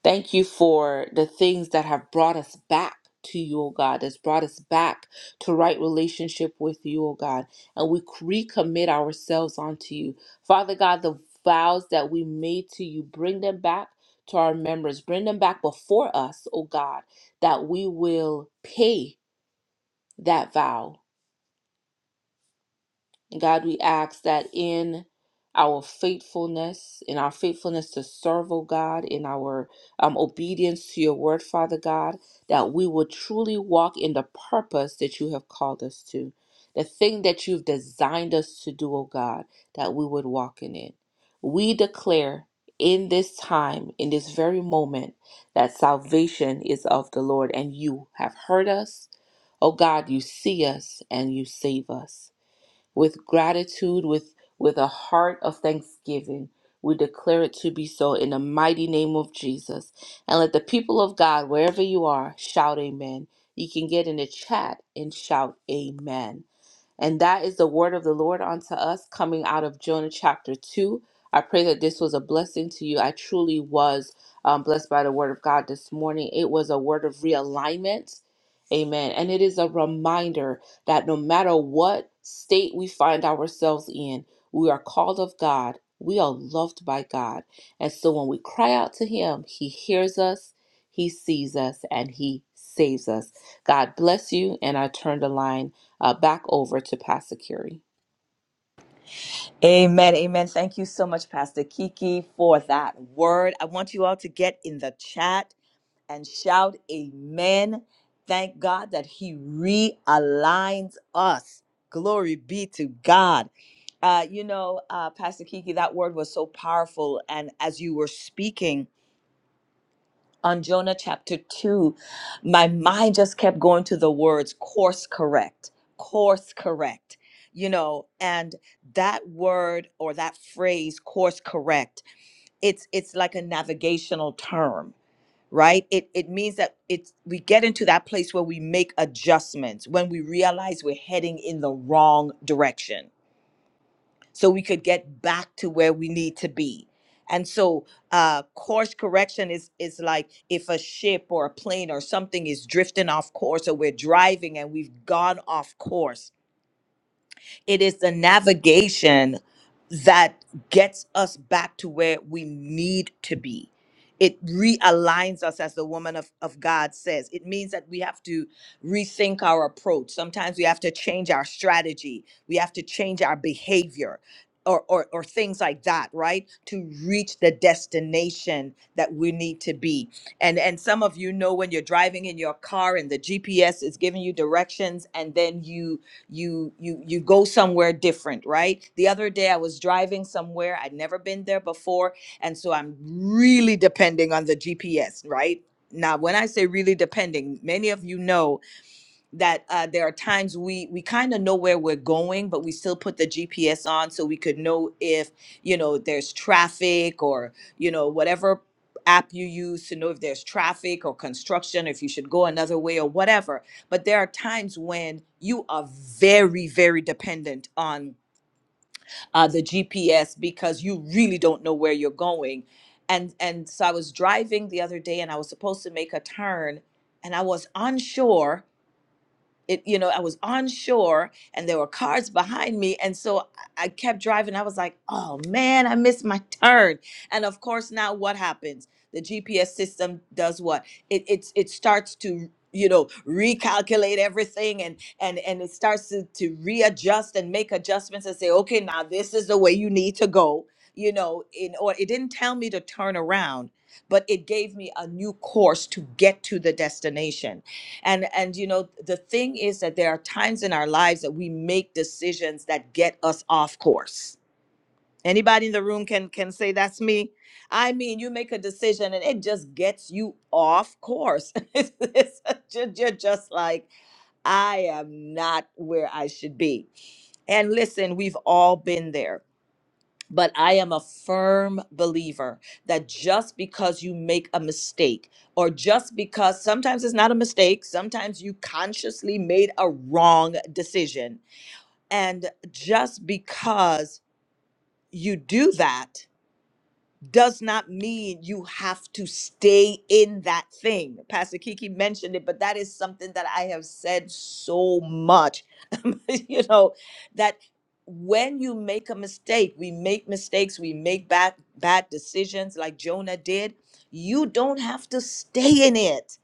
Thank you for the things that have brought us back to you, oh God, that's brought us back to right relationship with you, oh God. And we recommit ourselves unto you. Father God, the vows that we made to you, bring them back to our members, bring them back before us, oh God, that we will pay that vow. And God, we ask that in our faithfulness, in our faithfulness to serve, oh God, in our um, obedience to your word, Father God, that we will truly walk in the purpose that you have called us to, the thing that you've designed us to do, oh God, that we would walk in it. We declare in this time, in this very moment, that salvation is of the Lord, and you have heard us. Oh God, you see us and you save us with gratitude, with, with a heart of thanksgiving. We declare it to be so in the mighty name of Jesus. And let the people of God, wherever you are, shout amen. You can get in the chat and shout amen. And that is the word of the Lord unto us coming out of Jonah chapter 2. I pray that this was a blessing to you. I truly was um, blessed by the word of God this morning. It was a word of realignment. Amen. And it is a reminder that no matter what state we find ourselves in, we are called of God. We are loved by God. And so when we cry out to Him, He hears us, He sees us, and He saves us. God bless you. And I turn the line uh, back over to Pastor Curry. Amen. Amen. Thank you so much, Pastor Kiki, for that word. I want you all to get in the chat and shout amen. Thank God that He realigns us. Glory be to God. Uh, you know, uh, Pastor Kiki, that word was so powerful. And as you were speaking, on Jonah chapter 2, my mind just kept going to the words course correct, course correct, you know, and that word or that phrase course correct, it's it's like a navigational term, right? It it means that it's we get into that place where we make adjustments when we realize we're heading in the wrong direction so we could get back to where we need to be. And so uh, course correction is is like if a ship or a plane or something is drifting off course or we're driving and we've gone off course it is the navigation that gets us back to where we need to be. It realigns us, as the woman of, of God says. It means that we have to rethink our approach. Sometimes we have to change our strategy, we have to change our behavior. Or, or, or things like that right to reach the destination that we need to be and and some of you know when you're driving in your car and the gps is giving you directions and then you you you you go somewhere different right the other day i was driving somewhere i'd never been there before and so i'm really depending on the gps right now when i say really depending many of you know that uh, there are times we we kind of know where we're going, but we still put the GPS on so we could know if you know there's traffic or you know whatever app you use to know if there's traffic or construction, if you should go another way or whatever. But there are times when you are very very dependent on uh, the GPS because you really don't know where you're going. And, and so I was driving the other day and I was supposed to make a turn and I was unsure it you know i was on shore and there were cars behind me and so i I kept driving i was like oh man i missed my turn and of course now what happens the gps system does what it it's it starts to you know recalculate everything and and and it starts to, to readjust and make adjustments and say okay now this is the way you need to go you know in or it didn't tell me to turn around but it gave me a new course to get to the destination and and you know the thing is that there are times in our lives that we make decisions that get us off course anybody in the room can can say that's me i mean you make a decision and it just gets you off course it's, it's ju- you're just like i am not where i should be and listen we've all been there but I am a firm believer that just because you make a mistake, or just because sometimes it's not a mistake, sometimes you consciously made a wrong decision. And just because you do that, does not mean you have to stay in that thing. Pastor Kiki mentioned it, but that is something that I have said so much. you know, that when you make a mistake, we make mistakes, we make bad bad decisions like Jonah did. You don't have to stay in it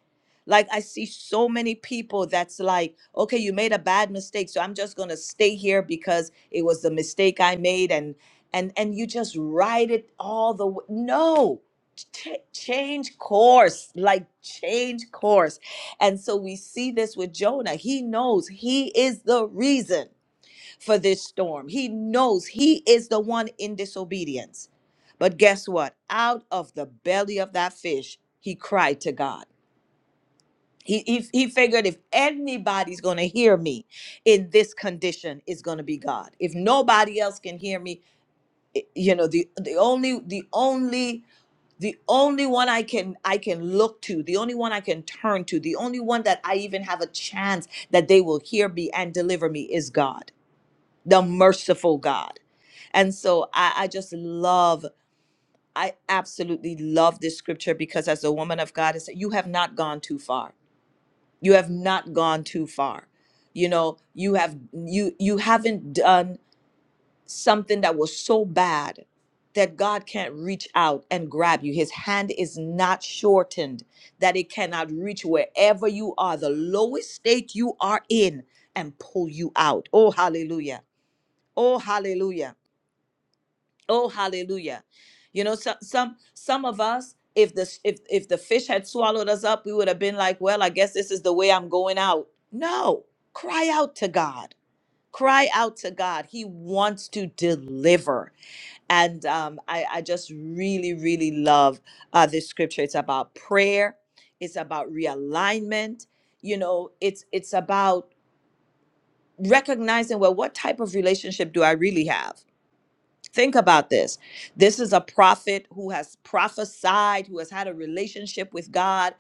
like I see so many people that's like, okay, you made a bad mistake, so I'm just gonna stay here because it was the mistake I made, and and and you just ride it all the way. No, ch- change course, like change course. And so we see this with Jonah. He knows he is the reason for this storm. He knows he is the one in disobedience. But guess what? Out of the belly of that fish, he cried to God he, he, he figured if anybody's going to hear me in this condition, it's going to be God. If nobody else can hear me, i- you know, the, the only, the only, the only one I can, I can look to, the only one I can turn to, the only one that I even have a chance that they will hear me and deliver me is God, the merciful God. And so I, I just love, I absolutely love this scripture because as a woman of God, it's, you have not gone too far you have not gone too far you know you have you you haven't done something that was so bad that god can't reach out and grab you his hand is not shortened that it cannot reach wherever you are the lowest state you are in and pull you out oh hallelujah oh hallelujah Oh, hallelujah. You know, some some some of us, if the if if the fish had swallowed us up, we would have been like, well, I guess this is the way I'm going out. No, cry out to God. Cry out to God. He wants to deliver. And um, I, I just really, really love uh, this scripture. It's about prayer. It's about realignment. You know, it's it's about recognizing well, what type of relationship do I really have? Think about this. This is a prophet who has prophesied, who has had a relationship with God,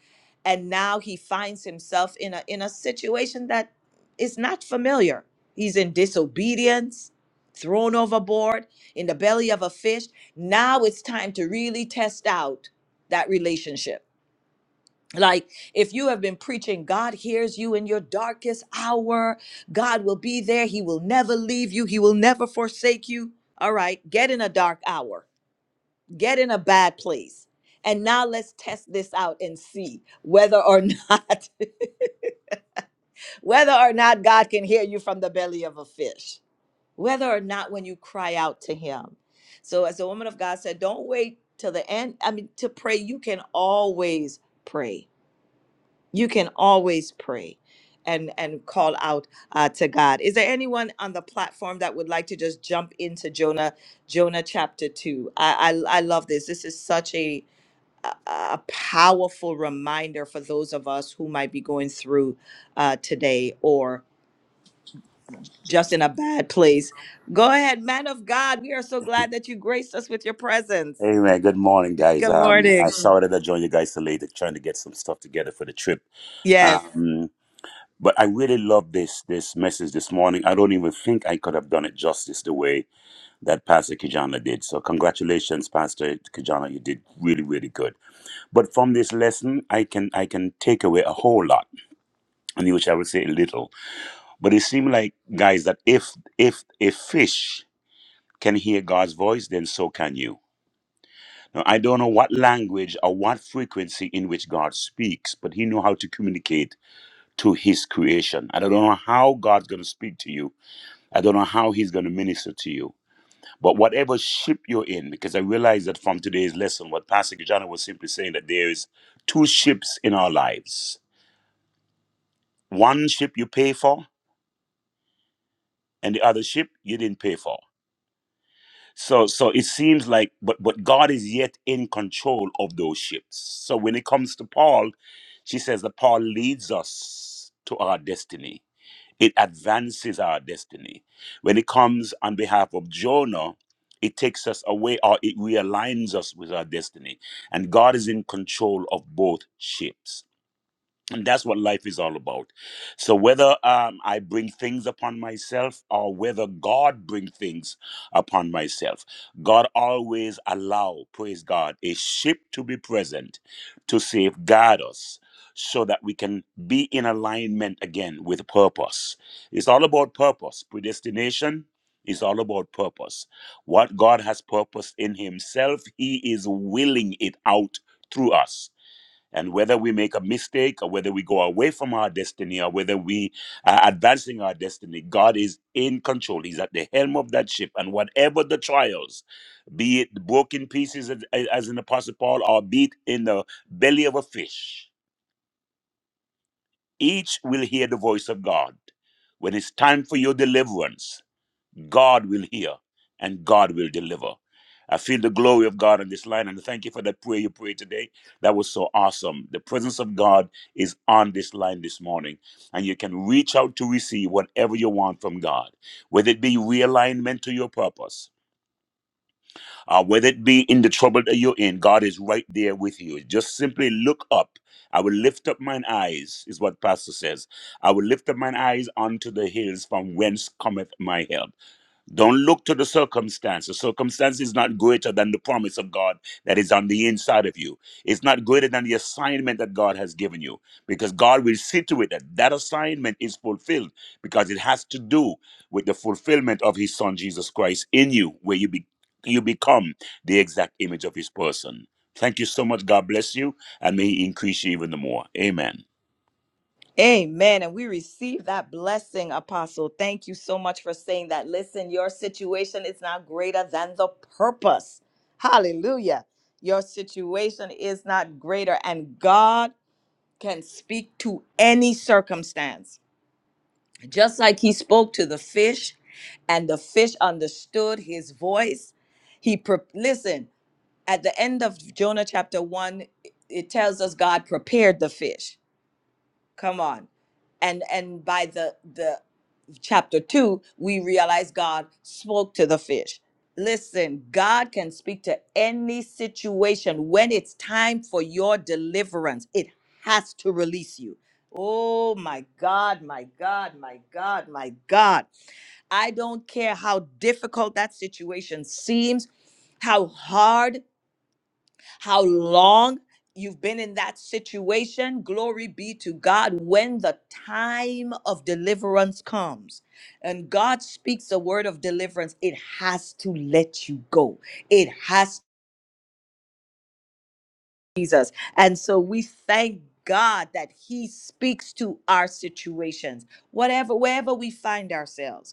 and now he finds himself in a in a situation that is not familiar. He's obedience, thrown overboard, in the belly of a fish. Now it's time to really test out that relationship. Like if you have been preaching, God hears you in your darkest hour, God will be there, He will never leave you, He will never forsake you. All right, get in a dark hour get in a bad place. And now let's test this out and see whether or not whether or not God can hear you from the belly of a fish. Whether or not when you cry out to him. So as the woman of God said, don't wait till the end. I mean to pray, you can always pray. You can always pray and and call out uh, to God. Is there anyone on the platform that would like to just jump into Jonah Jonah chapter 2? I I, I love this. This is such a a a powerful reminder for those of us who might be going through uh, today or just in a bad place. Go ahead, man of God. We are so glad that you graced us with your presence. Hey man, good morning, guys. Good Um, I morning. sorry that I joined you guys so late. I'm Trying to get some stuff together for the trip. Yes. Um, but I really love this this message this morning. I don't even think I could have done it justice the way that Pastor Kijana did. So congratulations, Pastor Kijana. You did really really good. But from this lesson, I can I can take away a whole lot, and which I would say a little. But it seemed like guys that if if if fish can hear God's voice, then so can you Now, I don't know what language or what frequency in which God speaks, but He knows how to communicate to His creation. And I don't know how God's going to speak to you. I don't know how He's going to minister to you. But whatever ship you're in, because I realize that from today's lesson, what Pastor Kijana was simply saying that there is two ships in our lives. One ship you pay for, and the other ship you didn't pay for. So so it seems like but but God is yet in control of those ships. So when it comes to Paul, she says that Paul leads us to our destiny. It advances our destiny. When it comes on behalf of Jonah, it takes us away or it realigns us with our destiny. And God is in control of both ships and that's what life is all about so whether um, i bring things upon myself or whether god bring things upon myself god always allow praise god a ship to be present to safeguard us so that we can be in alignment again with purpose it's all about purpose predestination is all about purpose what god has purposed in himself he is willing it out through us and whether we make a mistake or whether we go away from our destiny or whether we are advancing our destiny, God is in control. He's at the helm of that ship. And whatever the trials, be it broken pieces as as in Apostle Paul or be it in the belly of a fish, each will hear the voice of God. When it's time for your deliverance, God will hear and God will deliver. I feel the glory of God on this line and thank you for that prayer you prayed today. That was so awesome. The presence of God is on this line this morning and you can reach out to receive whatever you want from God, whether it be realignment to your purpose, uh, whether it be in the trouble that you're in, God is right there with you. Just simply look up. I will lift up mine eyes, is what Pastor says. I will lift up mine eyes unto the hills from whence cometh my help. Don't look to the circumstance. The circumstance is not greater than the promise of God that is on the inside of you. It's not greater than the assignment that God has given you because God will see to it that that assignment is fulfilled because it has to do with the fulfillment of His Son Jesus Christ in you, where you be, you become the exact image of His person. Thank you so much. God bless you, and may He increase you even the more. Amen. Amen. And we receive that blessing, Apostle. Thank you so much for saying that. Listen, your situation is not greater than the purpose. Hallelujah. Your situation is not greater, and God can speak to any circumstance. Just like he spoke to the fish and the fish understood his voice, he pre- listen, at the end of Jonah chapter 1, it tells us God prepared the fish. Come on. And and by the the chapter 2, we realize God spoke to the fish. Listen, God can speak to any situation when it's time for your deliverance. It has to release you. Oh my God, my God, my God, my God. I don't care how difficult that situation seems, how hard how long you've been in that situation. Glory be to God when the time of deliverance comes and God speaks a word of deliverance, it has to let you go. It has Jesus. And so we thank God that he speaks to our situations, whatever, wherever we find ourselves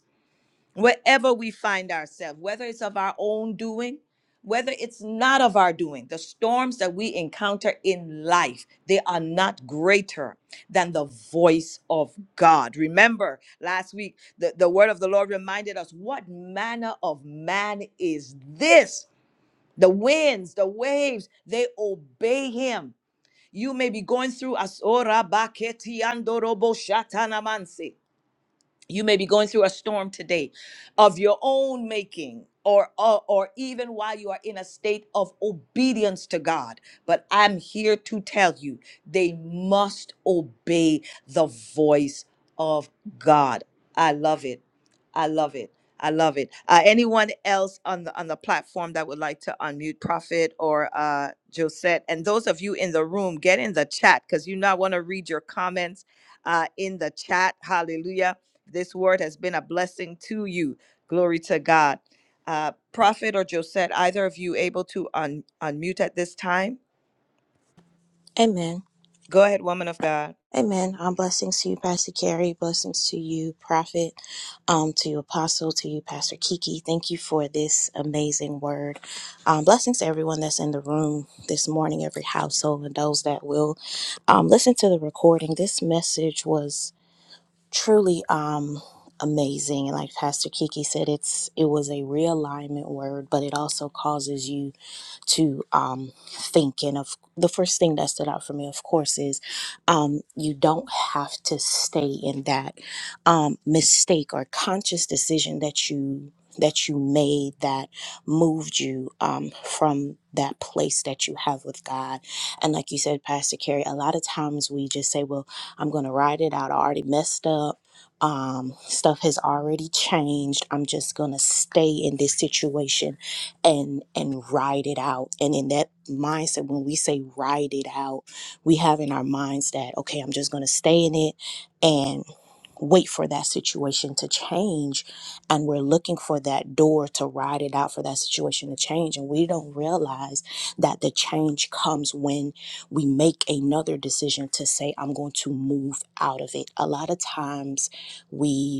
wherever we find ourselves, whether it's of our own doing, whether it's not of our doing, the storms that we encounter in life, they are not greater than the voice of God. Remember last week, the, the word of the Lord reminded us what manner of man is this? The winds, the waves, they obey him. You may be going through asora baketi andorobo you may be going through a storm today of your own making. Or, or, or even while you are in a state of obedience to God. But I'm here to tell you, they must obey the voice of God. I love it. I love it. I love it. Uh, anyone else on the on the platform that would like to unmute Prophet or uh, Josette, and those of you in the room, get in the chat because you know I want to read your comments uh, in the chat. Hallelujah this word has been a blessing to you. Glory to God. Uh, Prophet or Josette, either of you able to un- unmute at this time? Amen. Go ahead, woman of God. Amen. Um, blessings to you, Pastor Carrie. Blessings to you, Prophet. Um, to you, Apostle. To you, Pastor Kiki. Thank you for this amazing word. Um, blessings to everyone that's in the room this morning, every household, and those that will um, listen to the recording. This message was truly um, amazing. And Like Pastor Kiki said, it's it was a realignment word, but it also causes you to um, thinking of the first thing that stood out for me of course is um, you don't have to stay in that um, mistake or conscious decision that you that you made that moved you um, from that place that you have with God. And like you said, Pastor Carrie, a lot of times we just say, well, I'm going to ride it out. I already messed up. Um, stuff has already changed. I'm just going to stay in this situation and and ride it out and in that mindset when we say ride it out we have in our minds that okay i'm just going to stay in it and wait for that situation to change and we're looking for that door to ride it out for that situation to change and we don't realize that the change comes when we make another decision to say i'm going to move out of it a lot of times we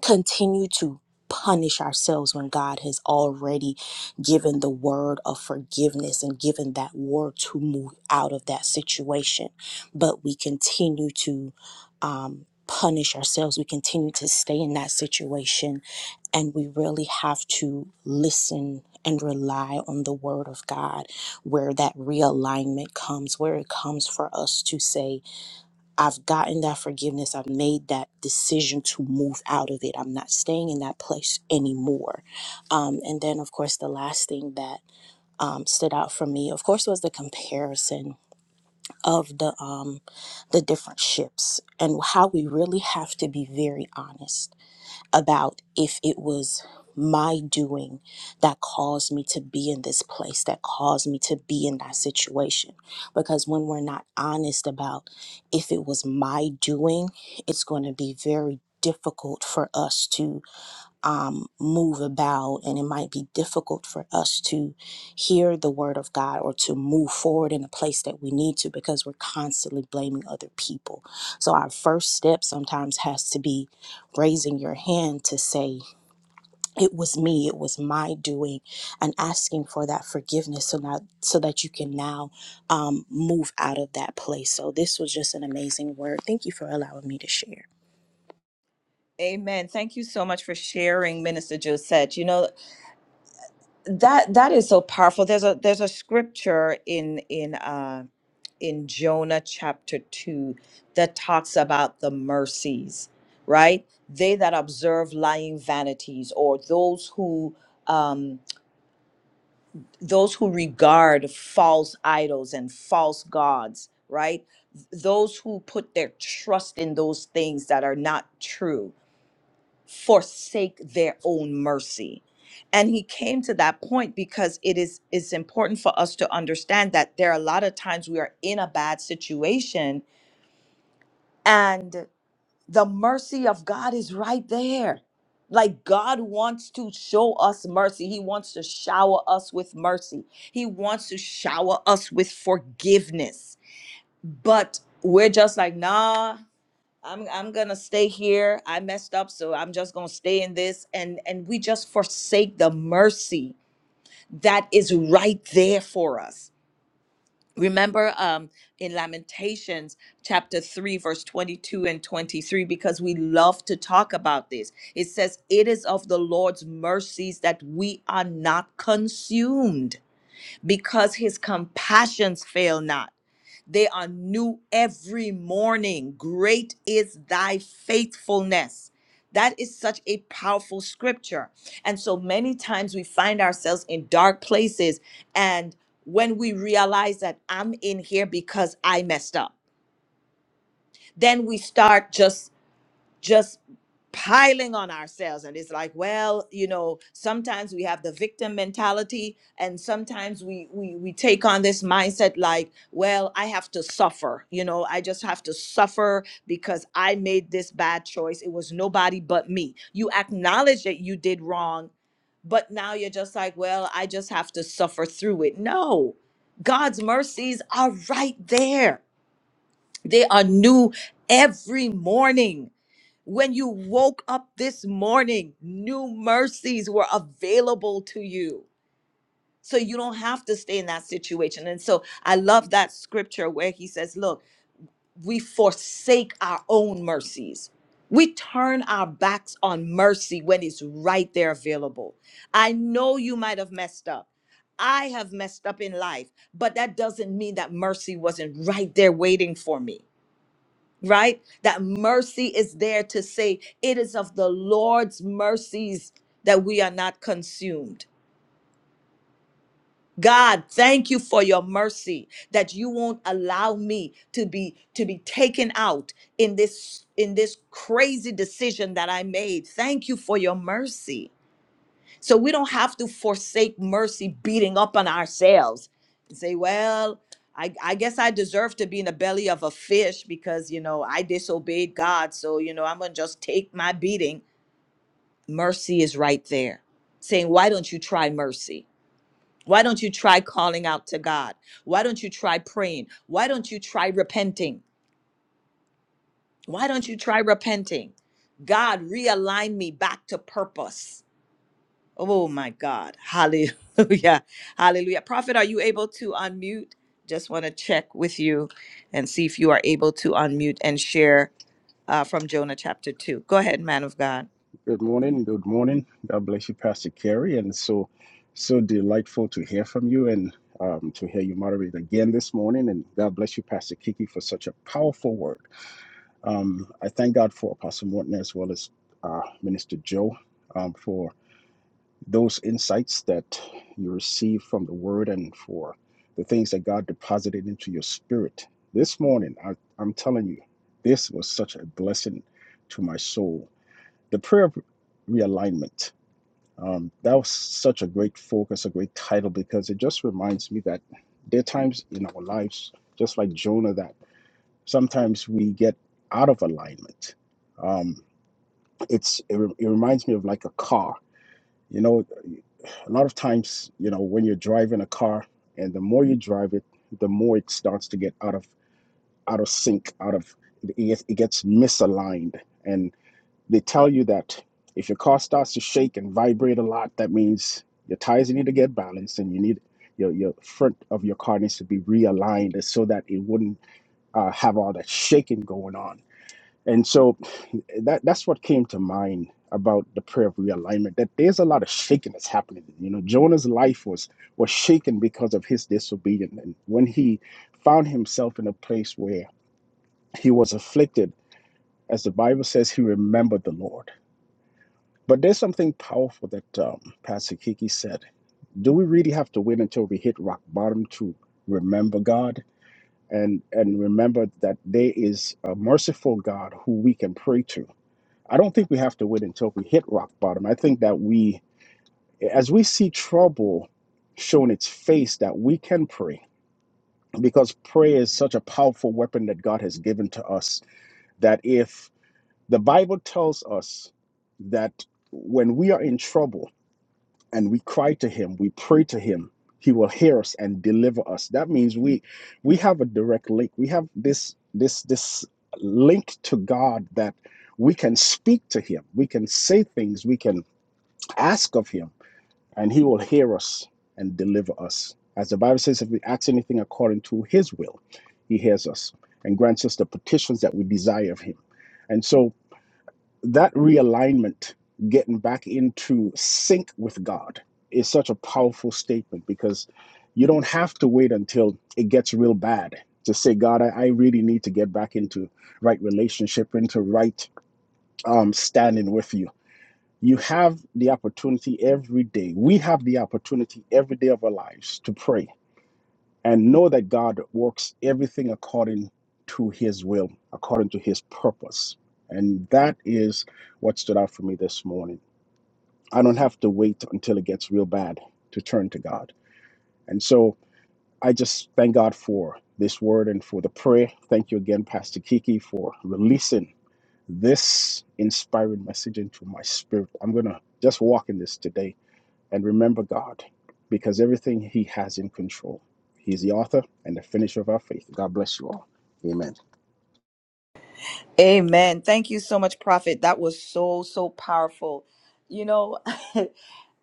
continue to punish ourselves when God has already given the word of forgiveness and given that word to move out of that situation. But we continue to um, punish ourselves, we continue to stay in that situation, and we really have to listen. And rely on the word of God, where that realignment comes, where it comes for us to say, I've gotten that forgiveness. I've made that decision to move out of it. I'm not staying in that place anymore. Um, and then, of course, the last thing that um, stood out for me, of course, was the comparison of the um, the different ships and how we really have to be very honest about if it was my doing that caused me to be in this place, that caused me to be in that situation. Because when we're not honest about if it was my doing, it's going to be very difficult for us to um, move about, and it might be difficult for us to hear the word of God or to move forward in the place that we need to because we're constantly blaming other people. So, our first step sometimes has to be raising your hand to say, It was me, it was my doing, and asking for that forgiveness so, now, so that you can now um, move out of that place. So, this was just an amazing word. Thank you for allowing me to share. Amen. Thank you so much for sharing, Minister Josette. You know that that is so powerful. There's a there's a scripture in in uh, in Jonah chapter two that talks about the mercies, right? They that observe lying vanities, or those who um. those who regard false idols and false gods, right? Those who put their trust in those things that are not true forsake their own mercy. And he came to that point because it is it's important for us to understand that there are a lot of times we are in a bad situation and the mercy of God is right there. Like God wants to show us mercy. He wants to shower us with mercy. He wants to shower us with forgiveness. But we're just like, nah, I'm I'm gonna stay here. I messed up, so I'm just gonna stay in this. And and we just forsake the mercy that is right there for us Remember um, in Lamentations chapter 3, verse 22 and 23, because we love to talk about this. It says, It is of the Lord's mercies that we are not consumed, because his compassions fail not. They are new every morning. Great is thy faithfulness. That is such a powerful scripture. And so many times we find ourselves in dark places. And when we realize that I'm in here because I messed up, then we start just just piling on ourselves and it's like well you know sometimes we have the victim mentality and sometimes we we we take on this mindset like well i have to suffer you know i just have to suffer because i made this bad choice it was nobody but me you acknowledge that you did wrong but now you're just like well i just have to suffer through it no god's mercies are right there they are new every morning when you woke up this morning, new mercies were available to you. So you don't have to stay in that situation. And so I love that scripture where he says, Look, we forsake our own mercies. We turn our backs on mercy when it's right there available. I know you might have messed up. I have messed up in life, but that doesn't mean that mercy wasn't right there waiting for me right? That mercy is there to say, It is of the Lord's mercies that we are not consumed. God, thank you for your mercy that you won't allow me to be to be taken out in this in this crazy decision that I made. Thank you for your mercy. So we don't have to forsake mercy beating up on ourselves and say, well, I, I guess I deserve to be in the belly of a fish because, you know, I disobeyed God. So, you know, I'm going to just take my beating. Mercy is right there saying, why don't you try mercy? Why don't you try calling out to God? Why don't you try praying? Why don't you try repenting? Why don't you try repenting? God, realign me back to purpose Oh my God. Hallelujah. Hallelujah. Prophet, are you able to unmute? Just want to check with you and see if you are able to unmute and share uh, from Jonah chapter 2. Go ahead, man of God. Good morning. Good morning. God bless you, Pastor Carey. And so, so delightful to hear from you and um, to hear you moderate again this morning. And God bless you, Pastor Kiki, for such a powerful word. Um, I thank God for Apostle Morton as well as uh, Minister Joe um, for those insights that you received from the word and for the things that God deposited into your spirit. This morning, I, I'm telling you, this was such a blessing to my soul. The prayer of realignment um, that was such a great focus, a great title, because it just reminds me that there are times in our lives, just like Jonah, that sometimes we get out of alignment. Um, it's it, re- it reminds me of like a car. You know, a lot of times, you know, when you're driving a car, and the more you drive it, the more it starts to get out of out of sync, out of it, it gets misaligned, and they tell you that if your car starts to shake and vibrate a lot, that means your tires need to get balanced and you need your, your front of your car needs to be realigned so that it wouldn't uh, have all that shaking going on. And so that that's what came to mind about the prayer of realignment that there's a lot of shaking that's happening you know jonah's life was was shaken because of his disobedience and when he found himself in a place where he was afflicted as the bible says he remembered the lord but there's something powerful that um, Pastor Kiki said. Do we really have to wait until we hit rock bottom to remember God and and remember that there is a merciful God who we can pray to? I don't think we have to wait until we hit rock bottom. I think that we, as we see trouble showing its face, that we can pray because prayer is such a powerful weapon that God has given to us. That if the Bible tells us that when we are in trouble and we cry to him we pray to him he will hear us and deliver us that means we we have a direct link we have this this this link to god that we can speak to him we can say things we can ask of him and he will hear us and deliver us as the bible says if we ask anything according to his will he hears us and grants us the petitions that we desire of him and so that realignment, getting back into sync with God, is such a powerful statement because you don't have to wait until it gets real bad to say, God, I, I really need to get back into right relationship, into right um, standing with you. You have the opportunity every day. We have the opportunity every day of our lives to pray and know that God works everything according to his will, according to his purpose. And that is what stood out for me this morning. I don't have to wait until it gets real bad to turn to God. And so I just thank God for this word and for the prayer. Thank you again, Pastor Kiki, for releasing this inspiring message into my spirit. I'm going to just walk in this today and remember God because everything He has in control. He's the author and the finisher of our faith. God bless you all. Amen. Amen. Thank you so much, Prophet. That was so, so powerful. You know,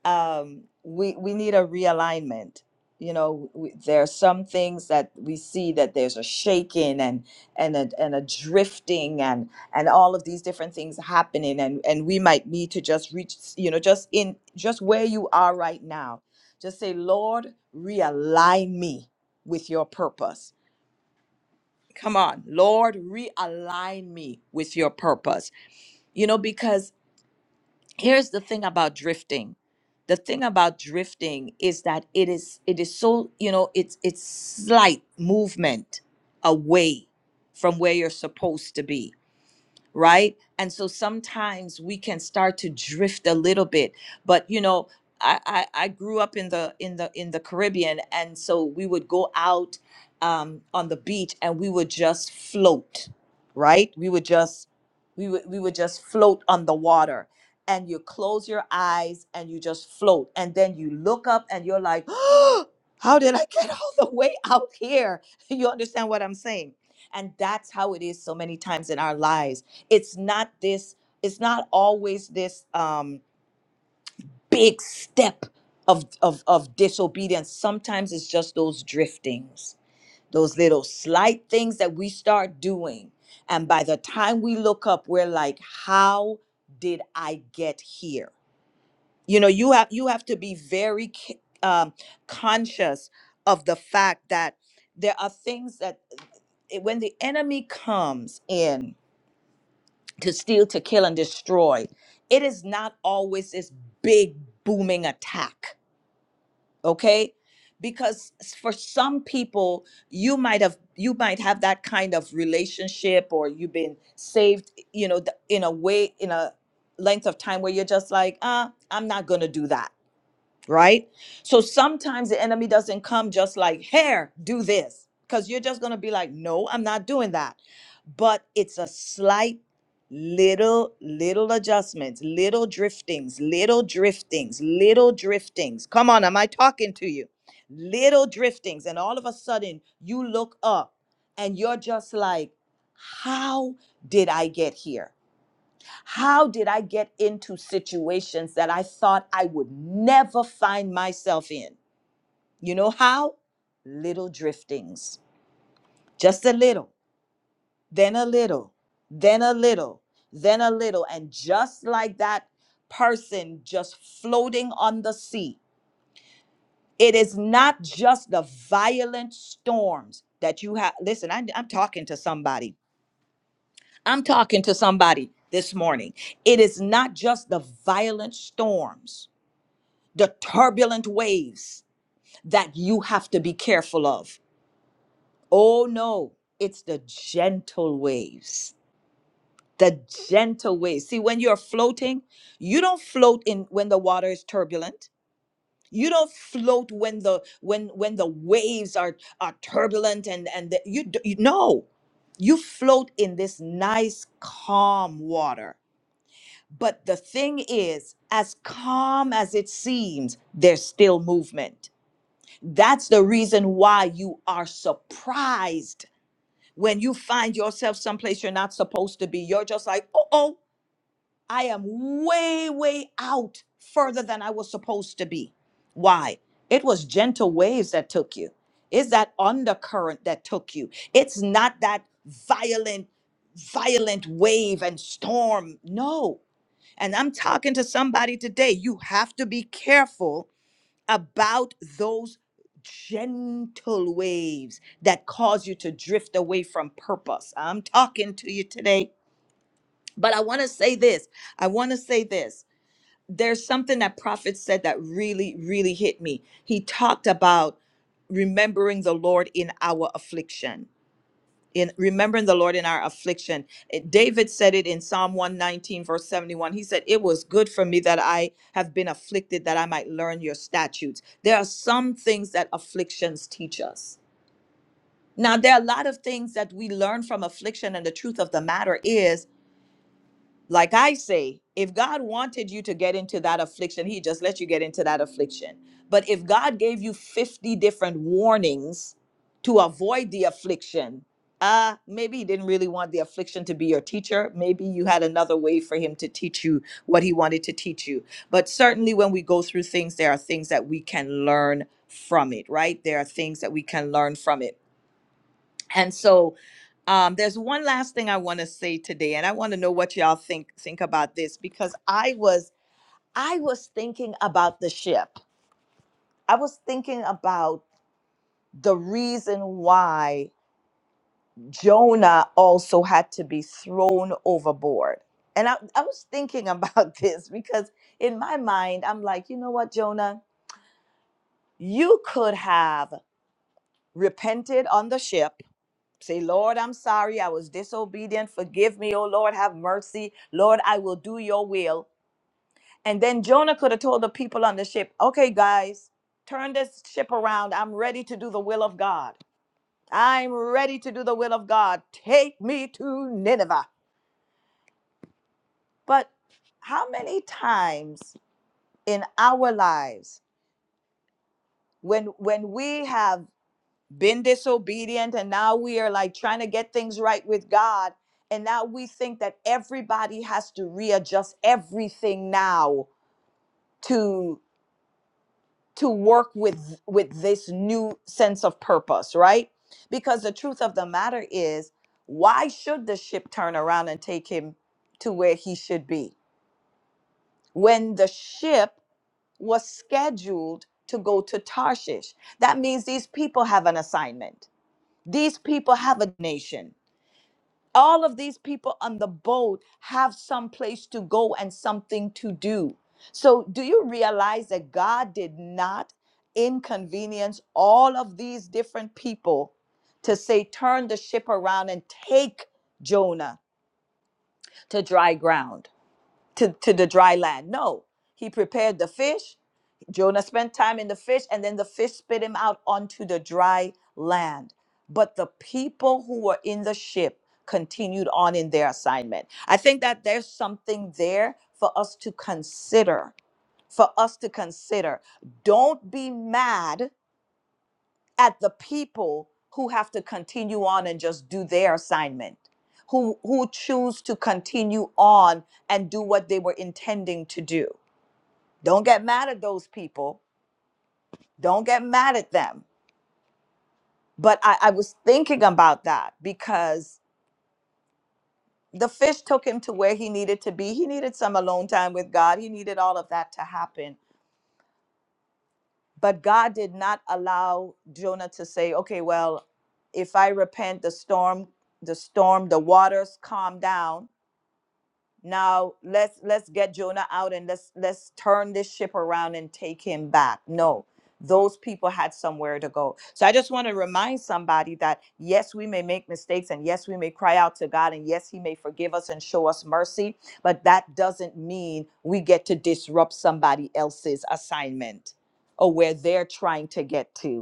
um, we we need a realignment. You know, we, there are some things that we see that there's a shaking and and a, and a drifting and and all of these different things happening, and and we might need to just reach, you know, just in just where you are right now. Just say, Lord, realign me with your purpose. Come on, Lord, realign me with your purpose you know because here's the thing about drifting the thing about drifting is that it is it is so you know it's it's slight movement away from where you're supposed to be right? And so sometimes we can start to drift a little bit, but you know, I, I, I grew up in the in the in the Caribbean, and so we would go out um, on the beach and we would just float, right? We would just we would we would just float on the water, and you close your eyes and you just float, and then you look up and you're like, how did I get all the way out here? You understand what I'm saying? And that's how it is so many times in our lives it's not this it's not always this um big step of of of disobedience sometimes it's just those driftings those little slight things that we start doing and by the time we look up we're like how did i get here you know you have you have to be very c- um, conscious of the fact that there are things that eh, when the enemy comes in to steal, to kill, and destroy. It is not always this big booming attack, okay? Because s- for some people, you might have you might have that kind of relationship, or you've been saved, you know, th- in a way, in a length of time where you're just like, ah, I'm not gonna do that right? So sometimes the enemy doesn't come just like, here, do this, because you're just going to be like, no, I'm not doing that. But it's a slight little, little adjustments, little driftings, little driftings, little driftings. Come on, am I talking to you? Little driftings. And all of a sudden, you look up and you're just like, how did I get here? How did I get into situations that I thought I would never find myself in? You know how? Little driftings, just a little, then a little, then a little, then a little. And just like that person just floating on the sea, it is not just the violent storms that you have. Listen, I, I'm talking to somebody. I'm talking to somebody this morning. It is not just the violent storms the turbulent waves that you have to be careful of. Oh no, it's the gentle waves. The gentle waves. See, when you're floating, you don't float in when the water is turbulent. You don't float when the when when the waves are are turbulent and and the, you, d- you no. You float in this nice calm water. But the thing is, as calm as it seems, there's still movement That's the reason why you are surprised when you find yourself someplace you're not supposed to be. You're just like, oh, oh, I am way, way out further than I was supposed to be. Why? It was gentle waves that took you. It's that undercurrent that took you. It's not that violent, violent wave and storm. No. And I'm talking to somebody today. You have to be careful about those gentle waves that cause you to drift away from purpose. I'm talking to you today, but I want to say this. I want to say this. There's something that prophet said that really, really hit me. He talked about remembering the Lord in our affliction in remembering the Lord in our affliction. It- David said it in Psalm 119, verse 71. He said, It was good for me that I have been afflicted, that I might learn your statutes. There are some things that afflictions teach us. Now, there are a lot of things that we learn from affliction, and the truth of the matter is like I say, if God wanted you to get into that affliction, He just let you get into that affliction. But if God gave you 50 different warnings to avoid the affliction, uh, maybe He didn't really want the affliction to be your teacher. Maybe you had another way for Him to teach you what He wanted to teach you. But certainly when we go through things, there are things that we can learn from it, right? There are things that we can learn from it. And so, um, there's one last thing I want to say today, and I want to know what y'all think think about this because I was I was thinking about the ship. I was thinking about the reason why Jonah also had to be thrown overboard. And I, I was thinking about this because in my mind, I'm like, you know what, Jonah? You could have repented on the ship Say, Lord, I'm sorry. I was disobedient. Forgive me, oh Lord. Have mercy. Lord, I will do your will. And then Jonah could have told the people on the ship, okay, guys, turn this ship around. I'm ready to do the will of God. I'm ready to do the will of God. Take me to Nineveh. But how many times in our lives when when we have been disobedient and now we are like trying to get things right with God. And now we think that everybody has to readjust everything now to to work with with this new sense of purpose, right? Because the truth of the matter is, why should the ship turn around and take him to where he should be? When the ship was scheduled to go to Tarshish. That means these people have an assignment. These people have a nation all of these people on the boat have some place to go and something to do. So, do you realize that God did not inconvenience all of these different people to say, turn the ship around and take Jonah to dry ground? to, to the dry land. No, he prepared the fish. Jonah spent time in the fish, and then the fish spit him out onto the dry land. But the people who were in the ship continued on in their assignment. I think that there's something there for us to consider. For us to consider. Don't be mad at the people who have to continue on and just do their assignment who who choose to continue on and do what they were intending to do don't get mad at those people don't get mad at them but i, I was thinking about that because the fish took him to where he needed to be he needed some alone time with god he needed all of that to happen But God did not allow Jonah to say, okay, well, if I repent, the storm, the storm, the waters calm down now let's let's get jonah out and let's let's turn this ship around and take him back no those people had somewhere to go so i just want to remind somebody that yes we may make mistakes and yes we may cry out to god and yes he may forgive us and show us mercy but that doesn't mean we get to disrupt somebody else's assignment or where they're trying to get to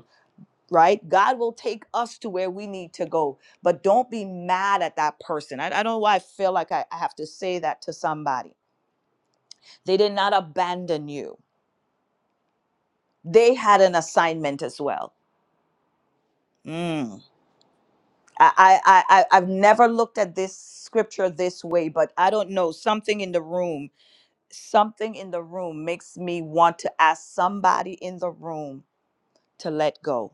right? God will take us to where we need to go. But don't be mad at that person. I, I don't know why I feel like I, I have to say that to somebody. They did not abandon you, they had an assignment as well. Mm. I, I, I, I- I've never looked at this scripture this way, but I don't know. Something in the room, something in the room makes me want to ask somebody in the room to let go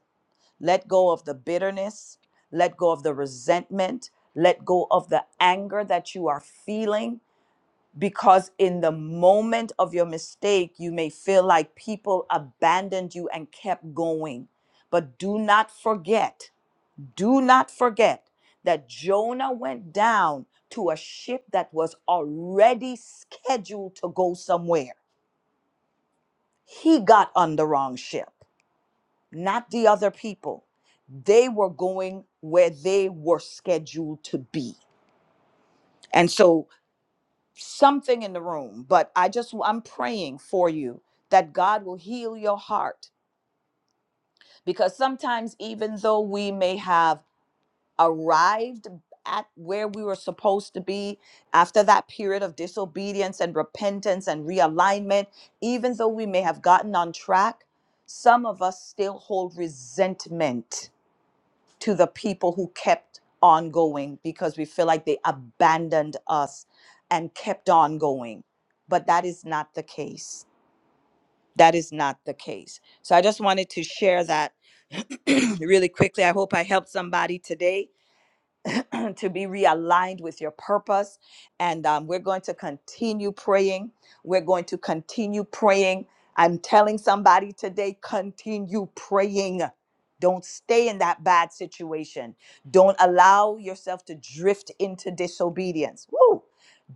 Let go of the bitterness. Let go of the resentment. Let go of the anger that you are feeling. Because in the moment of your mistake, you may feel like people abandoned you and kept going. But do not forget, do not forget that Jonah went down to a ship that was already scheduled to go somewhere. He got on the wrong ship. not the other people. They were going where they were scheduled to be. And so something in the room, but I just, I'm praying for you that God will heal your heart because sometimes, even though we may have arrived at where we were supposed to be after that period of disobedience and repentance and realignment, even though we may have gotten on track, some of us still hold resentment to the people who kept on going because we feel like they abandoned us and kept on going. But that is not the case. That is not the case. So I just wanted to share that really quickly. I hope I helped somebody today to be realigned with your purpose. And um, we're going to continue praying. We're going to continue praying. I'm telling somebody today continue praying. Don't stay in that bad situation. Don't allow yourself to drift into disobedience. Woo!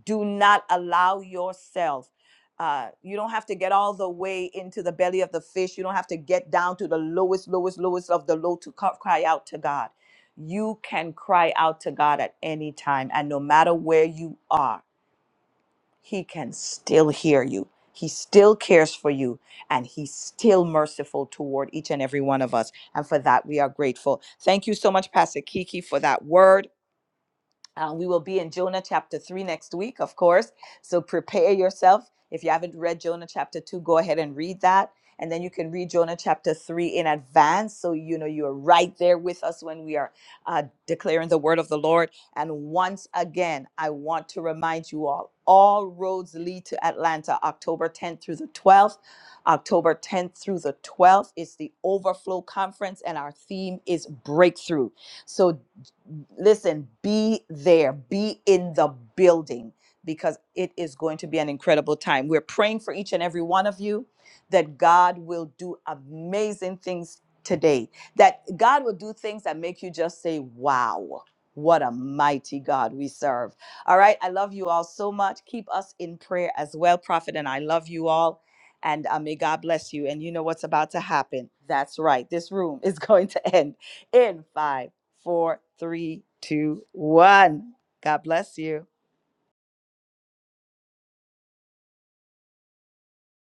Do not allow yourself. Uh, you don't have to get all the way into the belly of the fish. You don't have to get down to the lowest, lowest, lowest of the low to co- cry out to God you can cry out to God at any time. And no matter where you are, He can still hear you. He still cares for you and He's still merciful toward each and every one of us. And for that, we are grateful. Thank you so much, Pastor Kiki, for that word. Uh, we will be in Jonah chapter 3 next week, of course. So prepare yourself. If you haven't read Jonah chapter 2, go ahead and read that. And then you can read Jonah chapter 3 in advance. So you know you're right there with us when we are uh, declaring the word of the Lord. And once again, I want to remind you all all roads lead to Atlanta, October 10th through the 12th. October 10th through the 12th is the Overflow Conference, and our theme is breakthrough. So listen, be there, be in the building because it is going to be an incredible time. We're praying for each and every one of you that God will do amazing things today, that God will do things that make you just say, wow. What a mighty God we serve. All right. I love you all so much. Keep us in prayer as well, Prophet. And I love you all. And uh, may God bless you. And you know what's about to happen. That's right. This room is going to end in five four, three, two, one. God bless you.